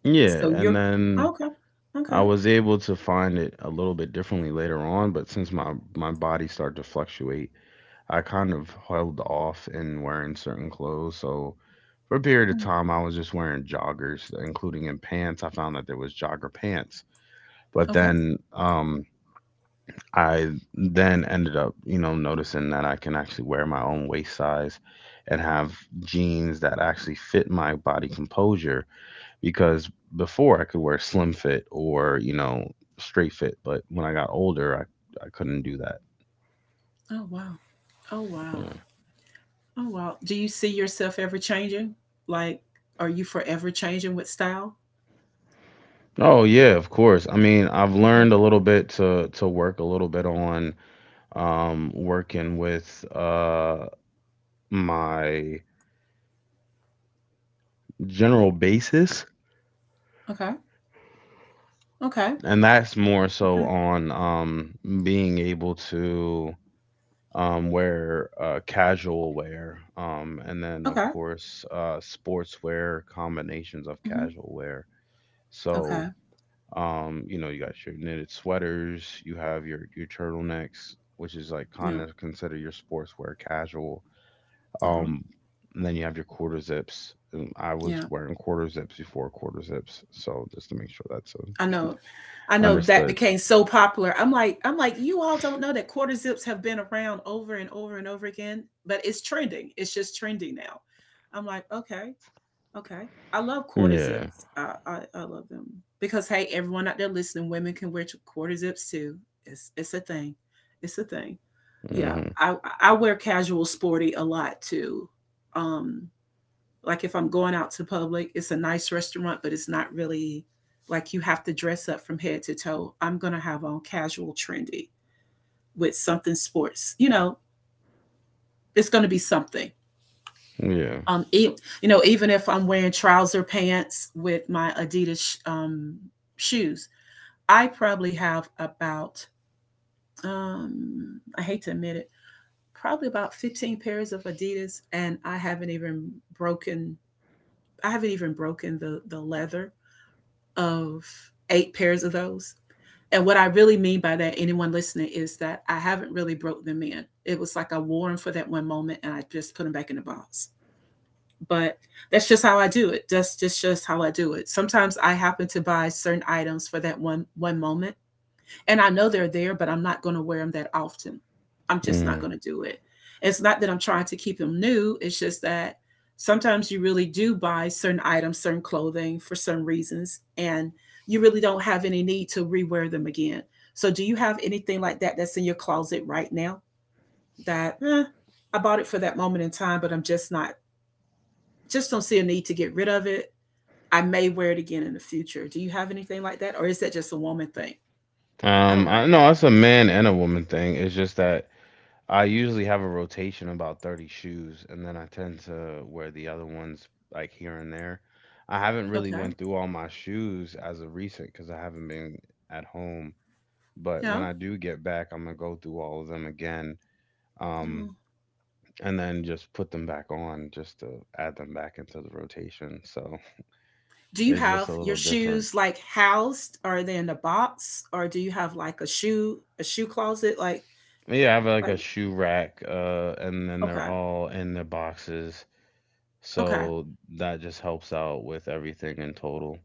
Speaker 1: Yeah.
Speaker 2: So you're
Speaker 1: And then
Speaker 2: okay, okay,
Speaker 1: I was able to find it a little bit differently later on, but since my body started to fluctuate, I kind of held off in wearing certain clothes. So for a period of
Speaker 2: mm,
Speaker 1: time, I was just wearing joggers, including in pants. I found that there was jogger pants. But
Speaker 2: okay.
Speaker 1: then, I then ended up, noticing that I can actually wear my own waist size and have jeans that actually fit my body composure. Because before I could wear slim fit or, straight fit, but when I got older, I couldn't do that.
Speaker 2: Oh wow, oh wow,
Speaker 1: Yeah.
Speaker 2: oh wow. Do you see yourself ever changing? Like, are you forever changing with style?
Speaker 1: Oh, yeah, of course. I mean, I've
Speaker 2: Okay,
Speaker 1: learned a little bit to work a little bit on, working with my general basis.
Speaker 2: okay, okay,
Speaker 1: And that's more
Speaker 2: okay,
Speaker 1: so on being able to wear casual wear, and then
Speaker 2: okay,
Speaker 1: of course sportswear combinations of
Speaker 2: hmm
Speaker 1: casual wear. So,
Speaker 2: okay.
Speaker 1: you got your knitted sweaters, you have your turtlenecks, which is like
Speaker 2: Yeah,
Speaker 1: kind of consider your sportswear casual.
Speaker 2: uh huh.
Speaker 1: um and then you have your quarter zips. I
Speaker 2: Yeah,
Speaker 1: was wearing quarter zips before quarter zips, so just to make sure that's
Speaker 2: I know. I know that
Speaker 1: understood.
Speaker 2: became so popular. I'm like, you all don't know that quarter zips have been around over and over and over again, but it's trending. It's just trending now. I'm like, okay. Okay. I love quarter
Speaker 1: Yeah.
Speaker 2: zips. I love them, because hey, everyone out there listening, women can wear quarter zips too. It's a thing. It's a thing. Yeah,
Speaker 1: Hmm.
Speaker 2: I wear casual sporty a lot too. Um, like if I'm going out to public, it's a nice restaurant, but it's not really like you have to dress up from head to toe. I'm gonna have on casual trendy with something sports. You know, it's gonna be something.
Speaker 1: Yeah.
Speaker 2: um e- you know, even if I'm wearing trouser pants with my adidas shoes, I probably have about, I hate to admit it, probably about 15 pairs of adidas. And I haven't even broken, I haven't even broken the leather of eight pairs of those. And what I really mean by that, anyone listening, is that I haven't really broke them in. It was like I wore them for that one moment and I just put them back in the box. But that's just how I do it. That's just how I do it. Sometimes I happen to buy certain items for that one moment, and I know they're there, but I'm not going to wear them that often. I'm just not going
Speaker 1: Mm.
Speaker 2: to do it. It's not that I'm trying to keep them new. It's just that sometimes you really do buy certain items, certain clothing for certain reasons, and you really don't have any need to rewear them again. So, do you have anything like that that's in your closet right now that, I bought it for that moment in time, but I'm just not, just don't see a need to get rid of it. I may wear it again in the future. Do you have anything like that? Or is that just a woman thing? I don't know.
Speaker 1: I no, it's a man and a woman thing. It's just that I usually have a rotation about 30 shoes, and then I tend to wear the other ones like here and there. I haven't really
Speaker 2: Okay.
Speaker 1: went through all my shoes as of recent, because I haven't been at home. But
Speaker 2: Yeah.
Speaker 1: when I do get back, I'm gonna go through all of them again.
Speaker 2: Yeah.
Speaker 1: Um, and then just put them back on just to add them back into the rotation. So
Speaker 2: Do you
Speaker 1: it's
Speaker 2: have
Speaker 1: just a
Speaker 2: your
Speaker 1: little different.
Speaker 2: shoes like housed? Are they in a box? Or do you have like a shoe closet?
Speaker 1: Yeah, I have like
Speaker 2: Like,
Speaker 1: a shoe rack, and then they're
Speaker 2: okay.
Speaker 1: all in their boxes.
Speaker 2: Okay.
Speaker 1: So that just helps out with everything in total.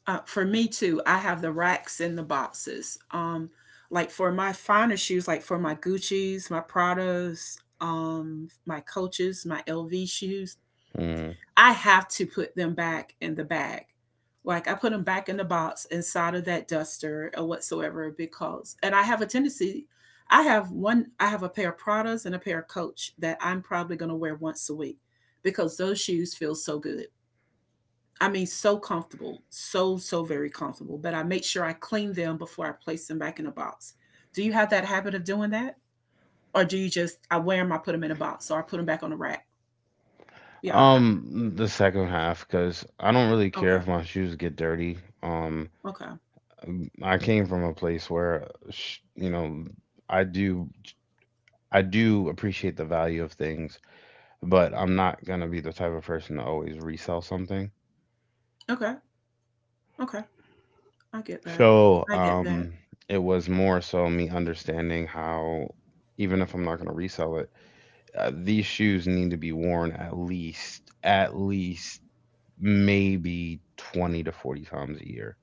Speaker 2: For me too, I have the racks and the boxes. Like for my finer shoes, like for my Gucci's, my Pradas, my Coaches, my LV shoes,
Speaker 1: Mm.
Speaker 2: I have to put them back in the bag. Like I put them back in the box inside of that duster or whatsoever, because, and I have a tendency, I have one, I have a pair of Pradas and a pair of Coach that I'm probably going to wear once a week, because those shoes feel so good. I mean, so comfortable, so, so very comfortable. But I make sure I clean them before I place them back in a box. Do you have that habit of doing that? Or do you just, I wear them, I put them in a box or I put them back on the rack? Yeah. ho-
Speaker 1: The second half, because I don't really
Speaker 2: Okay.
Speaker 1: care if my shoes get dirty. Um,
Speaker 2: Okay.
Speaker 1: I came from a place where, I do, I do appreciate the value of things, but I'm not gonna be the type of person to always resell something.
Speaker 2: Okay. Okay. I get that.
Speaker 1: So,
Speaker 2: I get that.
Speaker 1: it was more so me understanding how, even if I'm not going to resell it, these shoes need to be worn at least maybe 20 to 40 times a year.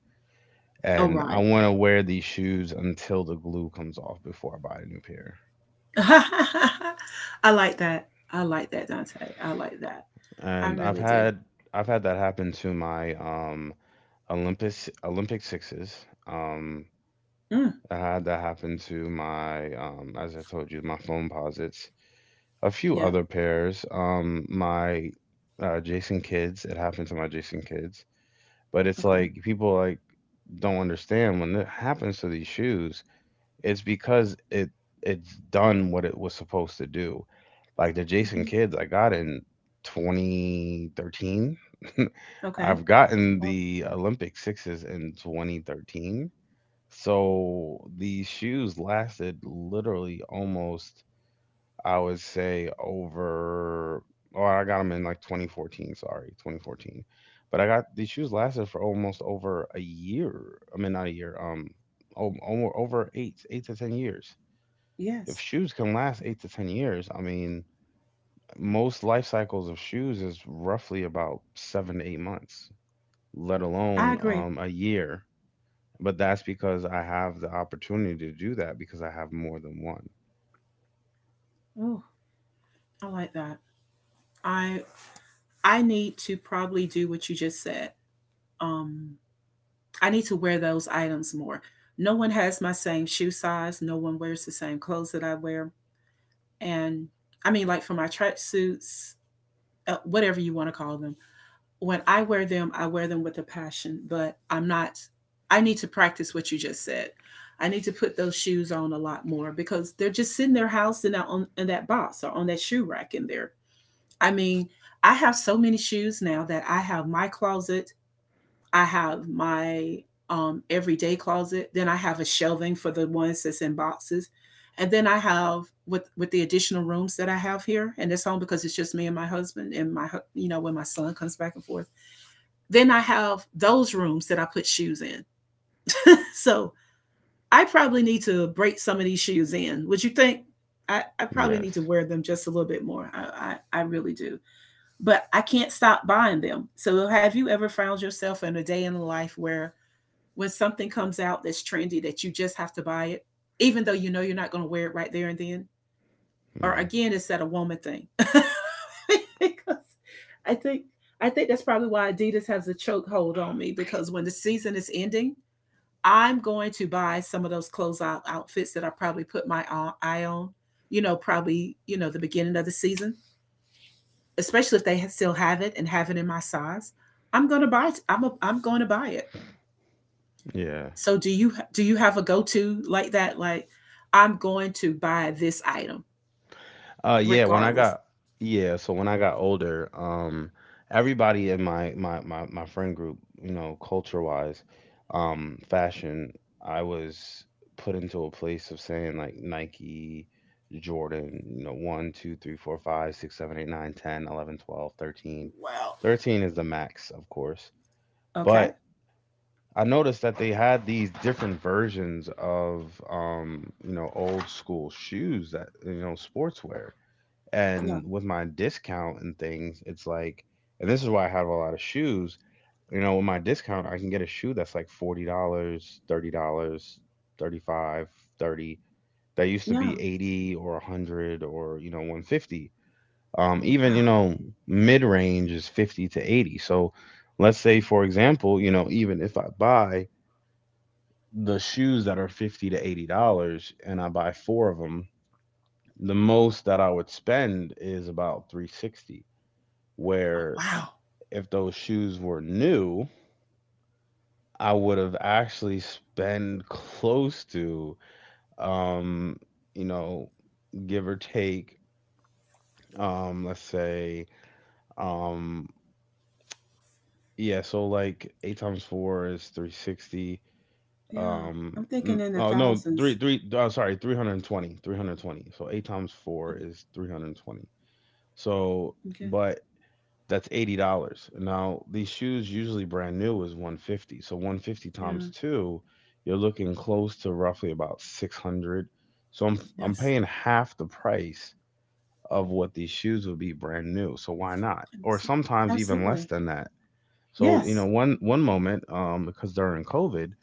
Speaker 2: All
Speaker 1: And
Speaker 2: right.
Speaker 1: I want to wear these shoes until the glue comes off before I buy a new pair.
Speaker 2: I like that. I like that, Dante. I like that. I
Speaker 1: And
Speaker 2: really do.
Speaker 1: I've had that happen to my Olympus Olympic sixes.
Speaker 2: Mm,
Speaker 1: I had that happen to my, as I told you, my foam posits, a few
Speaker 2: yeah.
Speaker 1: other pairs. My Jason kids. It happened to my Jason kids, but it's
Speaker 2: Okay.
Speaker 1: like people like don't understand when it happens to these shoes. It's because it's done what it was supposed to do. Like the
Speaker 2: Hmm.
Speaker 1: Jason kids, I got in 2013.
Speaker 2: Okay.
Speaker 1: I've gotten
Speaker 2: Well,
Speaker 1: the Olympic sixes in 2013. So these shoes lasted literally almost, I would say, over, oh, I got them in like 2014, sorry, 2014. But I got these shoes lasted for almost over a year. I mean, not a year, over eight to 10 years.
Speaker 2: yes,
Speaker 1: If shoes can last eight to 10 years, I mean, most life cycles of shoes is roughly about 7 to 8 months, let
Speaker 2: I
Speaker 1: alone
Speaker 2: agree.
Speaker 1: a year. But that's because I have the opportunity to do that because I have more than one.
Speaker 2: Oh, I like that. I I need to probably do what you just said. Um, I need to wear those items more. No one has my same shoe size. No one wears the same clothes that I wear. And I mean, like for my tracksuits, whatever you want to call them, when I wear them with a passion, but I'm not, I need to practice what you just said. I need to put those shoes on a lot more because they're just sitting their house in that, on, in that box or on that shoe rack in there. I mean, I have so many shoes now that I have my closet, I have my everyday closet, then I have a shelving for the ones that's in boxes. And then I have with the additional rooms that I have here, in this home because it's just me and my husband and my, you know, when my son comes back and forth. Then I have those rooms that I put shoes in. So I probably need to break some of these shoes in. Would you think? I probably
Speaker 1: Yes.
Speaker 2: need to wear them just a little bit more. I really do. But I can't stop buying them. So have you ever found yourself in a day in life where when something comes out that's trendy that you just have to buy it, even though you know you're not going to wear it right there and then? Or
Speaker 1: Hmm.
Speaker 2: again, it's that a woman thing because i think I think that's probably why Adidas has a chokehold on me, because when the season is ending, I'm going to buy some of those closeout outfits that I probably put my eye on, you know, probably, you know, the beginning of the season. Especially if they still have it and have it in my size, I'm going to buy it. I'm going to buy it.
Speaker 1: Yeah.
Speaker 2: So do you have a go-to like that, like I'm going to buy this item
Speaker 1: Yeah, when I
Speaker 2: regardless?
Speaker 1: got yeah, so when I got older, everybody in my friend group, culture-wise, fashion, I was put into a place of saying like Nike, Jordan, 1, two, three, four, five, six, seven, eight, nine, ten, 11, 12, 13.
Speaker 2: Wow.
Speaker 1: Thirteen is the max, of course.
Speaker 2: Okay.
Speaker 1: But I noticed that they had these different versions of old school shoes that, sportswear,
Speaker 2: Yeah.
Speaker 1: and with my discount and things, it's like, and this is why I have a lot of shoes. With my discount, I can get a shoe that's like $40, $30, 35, 30. That used to be
Speaker 2: Yeah.
Speaker 1: 80 or 100 or 150. Um,
Speaker 2: Oh,
Speaker 1: even
Speaker 2: wow.
Speaker 1: mid range is 50 to 80. So let's say, for example, even if I buy the shoes that are $50 to $80 and I buy four of them, the most that I would spend is about 360. Where
Speaker 2: Wow.
Speaker 1: if those shoes were new, I would have actually spent close to, um, you know, give or take, let's say, um, yeah, so like eight times four is 360.
Speaker 2: Yeah. I'm
Speaker 1: N-
Speaker 2: thinking in the
Speaker 1: oh no, three,
Speaker 2: thousands.
Speaker 1: three, oh, sorry, 320. So eight times four
Speaker 2: Okay.
Speaker 1: is 320. So,
Speaker 2: Okay.
Speaker 1: but that's $80. Now, these shoes usually brand new is 150. So 150 times
Speaker 2: Yeah.
Speaker 1: 2, you're looking close to roughly about 600. So I'm
Speaker 2: Yes.
Speaker 1: paying half the price of what these shoes would be brand new. So, why not? Or
Speaker 2: Abso-
Speaker 1: sometimes even less
Speaker 2: Absolutely.
Speaker 1: than that. So,
Speaker 2: Yes.
Speaker 1: one moment, because during COVID,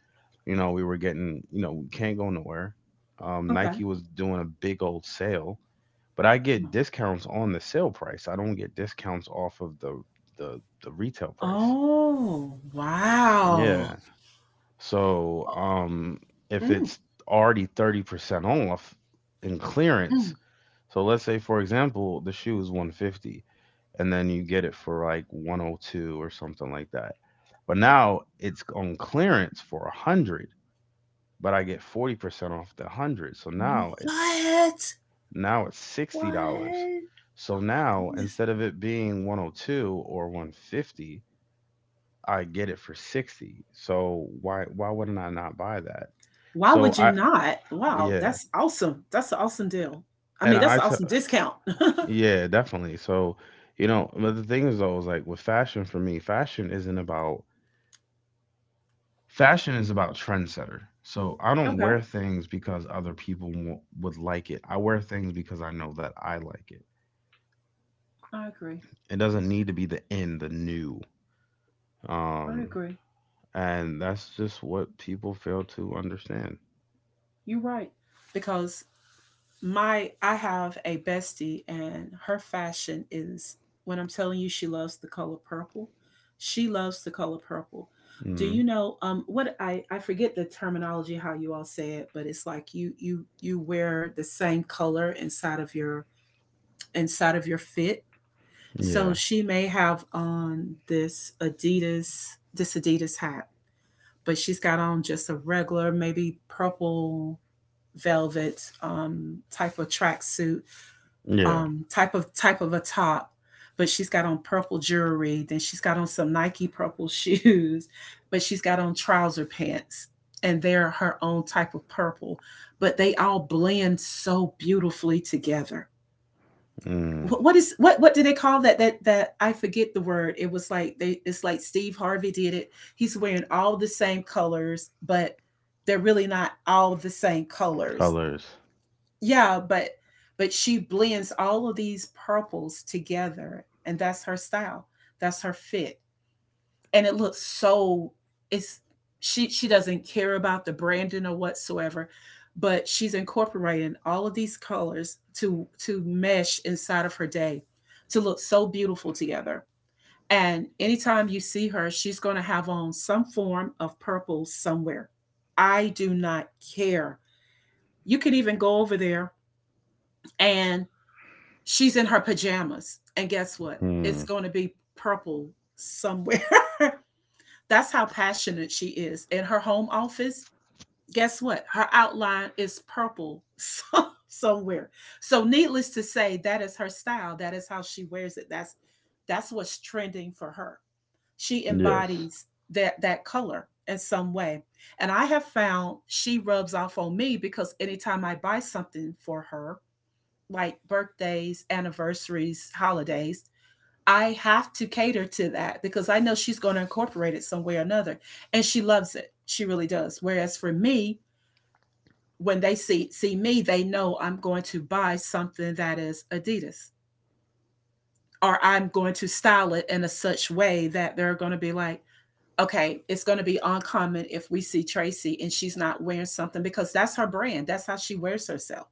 Speaker 1: we were getting, we can't go nowhere.
Speaker 2: Okay.
Speaker 1: Nike was doing a big old sale, but I get
Speaker 2: No.
Speaker 1: discounts on the sale price. I don't get discounts off of the retail price.
Speaker 2: Oh,
Speaker 1: Yeah.
Speaker 2: wow.
Speaker 1: So,
Speaker 2: Oh,
Speaker 1: if
Speaker 2: mm,
Speaker 1: it's already 30% off in clearance,
Speaker 2: mm.
Speaker 1: so let's say for example, the shoe is 150 and then you get it for like 102 or something like that. But now it's on clearance for 100, but I get 40% off the 100. So now it's
Speaker 2: What?
Speaker 1: Now it's
Speaker 2: What?
Speaker 1: $60. So
Speaker 2: Oh my
Speaker 1: now,
Speaker 2: goodness.
Speaker 1: instead of it being 102 or 150, I get it for 60. So why wouldn't I not buy that?
Speaker 2: Why
Speaker 1: So
Speaker 2: would you
Speaker 1: I
Speaker 2: not? Wow,
Speaker 1: yeah,
Speaker 2: that's awesome. That's an awesome deal. I
Speaker 1: and
Speaker 2: mean, that's an awesome discount.
Speaker 1: yeah, definitely. So, but the thing is, though, is like with fashion for me, fashion isn't about, fashion is about trendsetter. So I don't wear
Speaker 2: Okay.
Speaker 1: things because other people would like it. I wear things because I know that I like it.
Speaker 2: I agree.
Speaker 1: It doesn't need to be the in, the new.
Speaker 2: I
Speaker 1: Um,
Speaker 2: agree.
Speaker 1: and that's just what people fail to understand.
Speaker 2: You're right. Because my, I have a bestie and her fashion is, when I'm telling you, she loves the color purple. She loves the color purple. Do
Speaker 1: Hmm.
Speaker 2: you know what, I forget the terminology how you all say it, but it's like you wear the same color inside of your fit.
Speaker 1: Yeah.
Speaker 2: So she may have on this Adidas, this Adidas hat, but she's got on just a regular maybe purple velvet type of tracksuit,
Speaker 1: Yeah.
Speaker 2: type of a top, but she's got on purple jewelry. Then she's got on some Nike purple shoes, but she's got on trouser pants, and they're her own type of purple. But they all blend so beautifully together.
Speaker 1: Mm.
Speaker 2: What is, what do they call that? That, that I forget the word. It was like they. It's like Steve Harvey did it. He's wearing all the same colors, but they're really not all the same colors.
Speaker 1: Colors.
Speaker 2: Yeah, but she blends all of these purples together and that's her style. That's her fit. And it looks so, it's, she doesn't care about the branding or whatsoever, but she's incorporating all of these colors to mesh inside of her day to look so beautiful together. And anytime you see her, she's going to have on some form of purple somewhere. I do not care. You can even go over there and she's in her pajamas. And guess what?
Speaker 1: Mm.
Speaker 2: It's going to be purple somewhere. That's how passionate she is. In her home office, guess what? Her outline is purple somewhere. So needless to say, that is her style. That is how she wears it. That's what's trending for her. She
Speaker 1: Yes.
Speaker 2: embodies that that color in some way. And I have found she rubs off on me because anytime I buy something for her, like birthdays, anniversaries, holidays, I have to cater to that because I know she's going to incorporate it some way or another. And she loves it. She really does. Whereas for me, when they see me, they know I'm going to buy something that is Adidas. Or I'm going to style it in a such way that they're going to be like, okay, it's going to be uncommon if we see Tracy and she's not wearing something, because that's her brand. That's how she wears herself.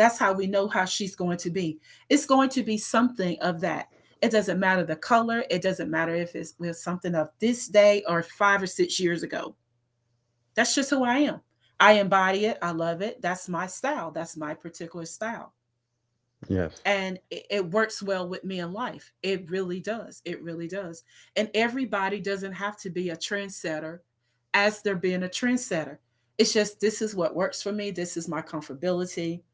Speaker 2: That's how we know how she's going to be. It's going to be something of that. It doesn't matter the color. It doesn't matter if it's with something of this day or 5 or 6 years ago. That's just who I am. I embody it. I love it. That's my style. That's my particular style.
Speaker 1: Yes.
Speaker 2: And it works well with me in life. It really does. It really does. And everybody doesn't have to be a trendsetter as they're being a trendsetter. It's just this is what works for me. This is my comfortability.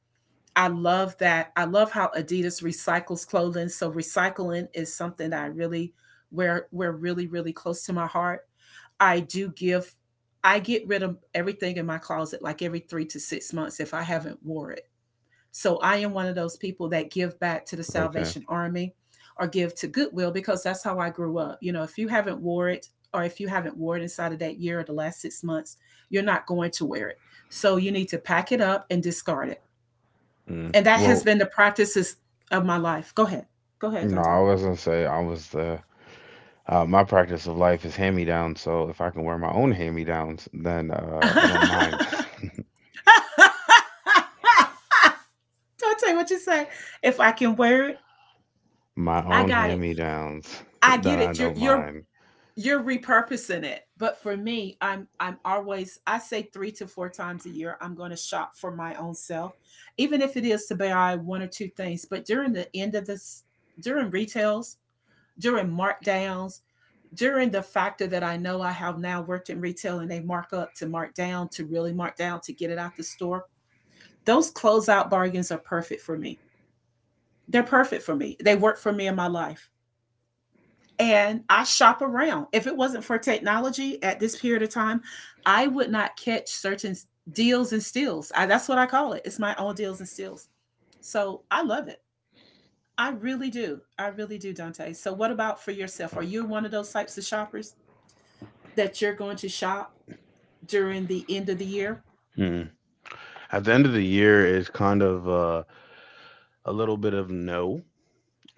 Speaker 2: I love that. I love how Adidas recycles clothing. So recycling is something that I really, we're really, really close to my heart. I do give, I get rid of everything in my closet like every 3 to 6 months if I haven't wore it. So I am one of those people that give back to the
Speaker 1: Okay.
Speaker 2: Salvation Army or give to Goodwill, because that's how I grew up. You know, if you haven't wore it or if you haven't wore it inside of that year or the last 6 months, you're not going to wear it. So you need to pack it up and discard it,
Speaker 1: Mm.
Speaker 2: and that has
Speaker 1: Well,
Speaker 2: been the practices of my life. Go ahead. Go ahead,
Speaker 1: no,
Speaker 2: Dante.
Speaker 1: I was gonna say, I was the my practice of life is hand-me-downs, so if I can wear my own hand-me-downs, then I don't mind.
Speaker 2: Dante, what you say? If I can wear it,
Speaker 1: My
Speaker 2: I
Speaker 1: own
Speaker 2: got it.
Speaker 1: hand-me-downs,
Speaker 2: I
Speaker 1: then
Speaker 2: get
Speaker 1: I
Speaker 2: it. You're
Speaker 1: don't
Speaker 2: you're
Speaker 1: mind.
Speaker 2: you're repurposing it. But for me, I'm always, I say three to four times a year I'm going to shop for my own self, even if it is to buy one or two things. But during the end of this, during retails, during markdowns, during the factor that I know I have now worked in retail and they mark up to mark down to really mark down to get it out the store, those closeout bargains are perfect for me. They're perfect for me. They work for me in my life. And I shop around. If it wasn't for technology at this period of time, I would not catch certain deals and steals. I, that's what I call it. It's my own deals and steals. So I love it. I really do. I really do, Dante. So, what about for yourself? Are you one of those types of shoppers that you're going to shop during the end of the year?
Speaker 1: Mm. At the end of the year is kind of a little bit of no.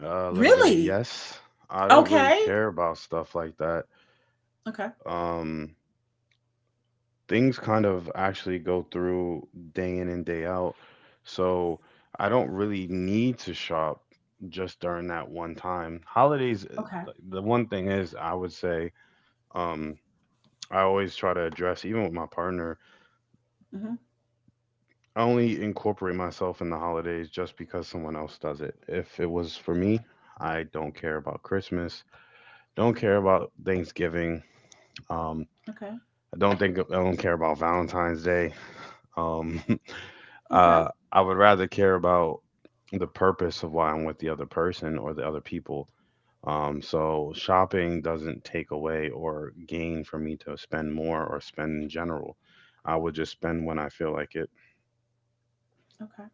Speaker 1: A little bit of
Speaker 2: Really?
Speaker 1: yes. I don't really
Speaker 2: Okay.
Speaker 1: care about stuff like that.
Speaker 2: Okay.
Speaker 1: Um, Things kind of actually go through day in and day out. So I don't really need to shop just during that one time. Holidays,
Speaker 2: Okay.
Speaker 1: the one thing is, I would say, um, I always try to address, even with my partner,
Speaker 2: Hmm.
Speaker 1: I only incorporate myself in the holidays just because someone else does it. If it was for me, I don't care about Christmas, don't care about Thanksgiving. Um,
Speaker 2: Okay.
Speaker 1: I don't think I don't care about Valentine's Day. Um,
Speaker 2: Okay.
Speaker 1: I would rather care about the purpose of why I'm with the other person or the other people. So shopping doesn't take away or gain for me to spend more or spend in general. I would just spend when I feel like it.
Speaker 2: Okay.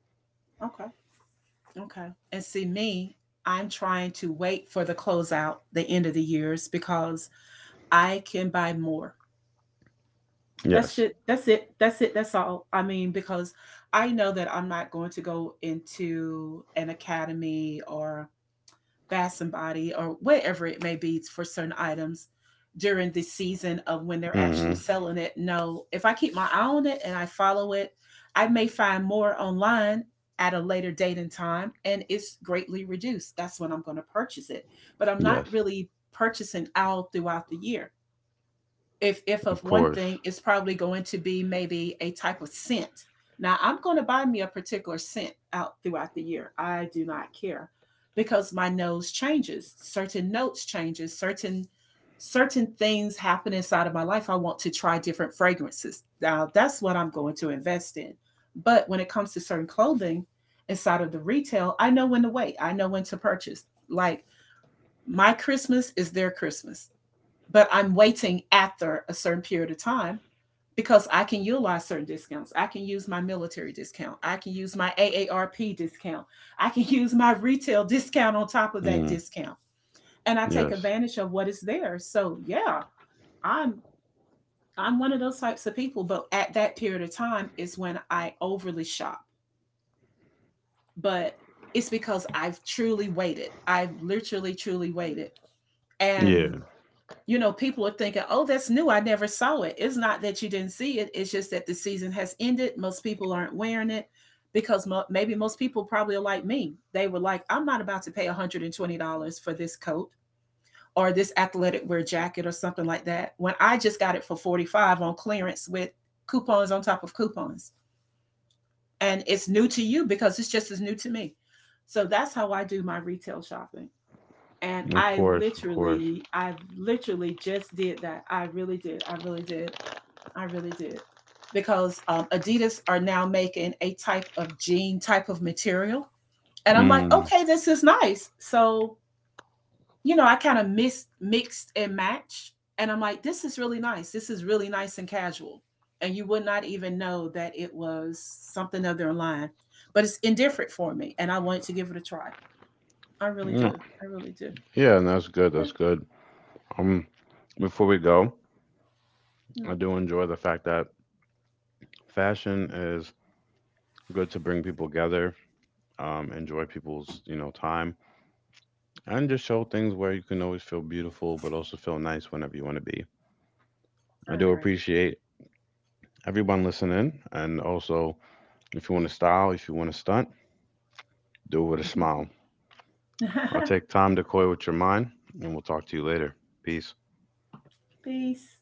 Speaker 2: Okay. Okay. And see, me, I'm trying to wait for the closeout, the end of the years, because I can buy more. That's
Speaker 1: Yes.
Speaker 2: it. That's it. That's it. That's all. I mean, because I know that I'm not going to go into an academy or fast body or whatever it may be for certain items during the season of when they're actually
Speaker 1: Mm-hmm.
Speaker 2: selling it. No, if I keep my eye on it and I follow it, I may find more online at a later date and time and it's greatly reduced. That's when I'm going to purchase it. But I'm not
Speaker 1: Yes.
Speaker 2: really purchasing out throughout the year. If of
Speaker 1: Of
Speaker 2: one
Speaker 1: course.
Speaker 2: thing it's probably going to be maybe a type of scent, now I'm going to buy me a particular scent out throughout the year. I do not care, because my nose changes, certain notes changes, certain certain things happen inside of my life. I want to try different fragrances. Now, that's what I'm going to invest in. But when it comes to certain clothing inside of the retail, I know when to wait, I know when to purchase. Like, my Christmas is their Christmas, but I'm waiting after a certain period of time because I can utilize certain discounts. I can use my military discount. I can use my AARP discount. I can use my retail discount on top of that
Speaker 1: Mm.
Speaker 2: discount. And I take
Speaker 1: Yes.
Speaker 2: advantage of what is there. So yeah, I'm I'm one of those types of people, but at that period of time is when I overly shop. But it's because I've truly waited. I've literally truly waited.
Speaker 1: Yeah.
Speaker 2: And you know, people are thinking, oh, that's new. I never saw it. It's not that you didn't see it. It's just that the season has ended. Most people aren't wearing it because maybe most people probably are like me. They were like, I'm not about to pay $120 for this coat or this athletic wear jacket or something like that when I just got it for $45 on clearance with coupons on top of coupons. And it's new to you because it's just as new to me. So that's how I do my retail shopping, and
Speaker 1: Of
Speaker 2: i
Speaker 1: course. Of course.
Speaker 2: literally i literally just did that. I really did. I really did. I really did. Because Adidas are now making a type of jean type of material, and I'm like,
Speaker 1: Mm.
Speaker 2: okay, this is nice. So you know, I kind of mixed and matched, and I'm like, this is really nice. This is really nice and casual, and you would not even know that it was something other line. But it's indifferent for me and I wanted to give it a try. I really
Speaker 1: Yeah.
Speaker 2: do. I really do.
Speaker 1: Yeah. And that's good.
Speaker 2: Yeah.
Speaker 1: That's good. Um. Before we go,
Speaker 2: Yeah.
Speaker 1: I do enjoy the fact that fashion is good to bring people together, enjoy people's, time,
Speaker 2: Yeah.
Speaker 1: and just show things where you can always feel beautiful, but also feel nice whenever you want to be. I do
Speaker 2: I
Speaker 1: appreciate everyone listening, and also if you want to style, if you want to stunt, do it with a
Speaker 2: agree.
Speaker 1: smile. I'll take time to coy with your mind, and we'll talk to you later. Peace.
Speaker 2: Peace.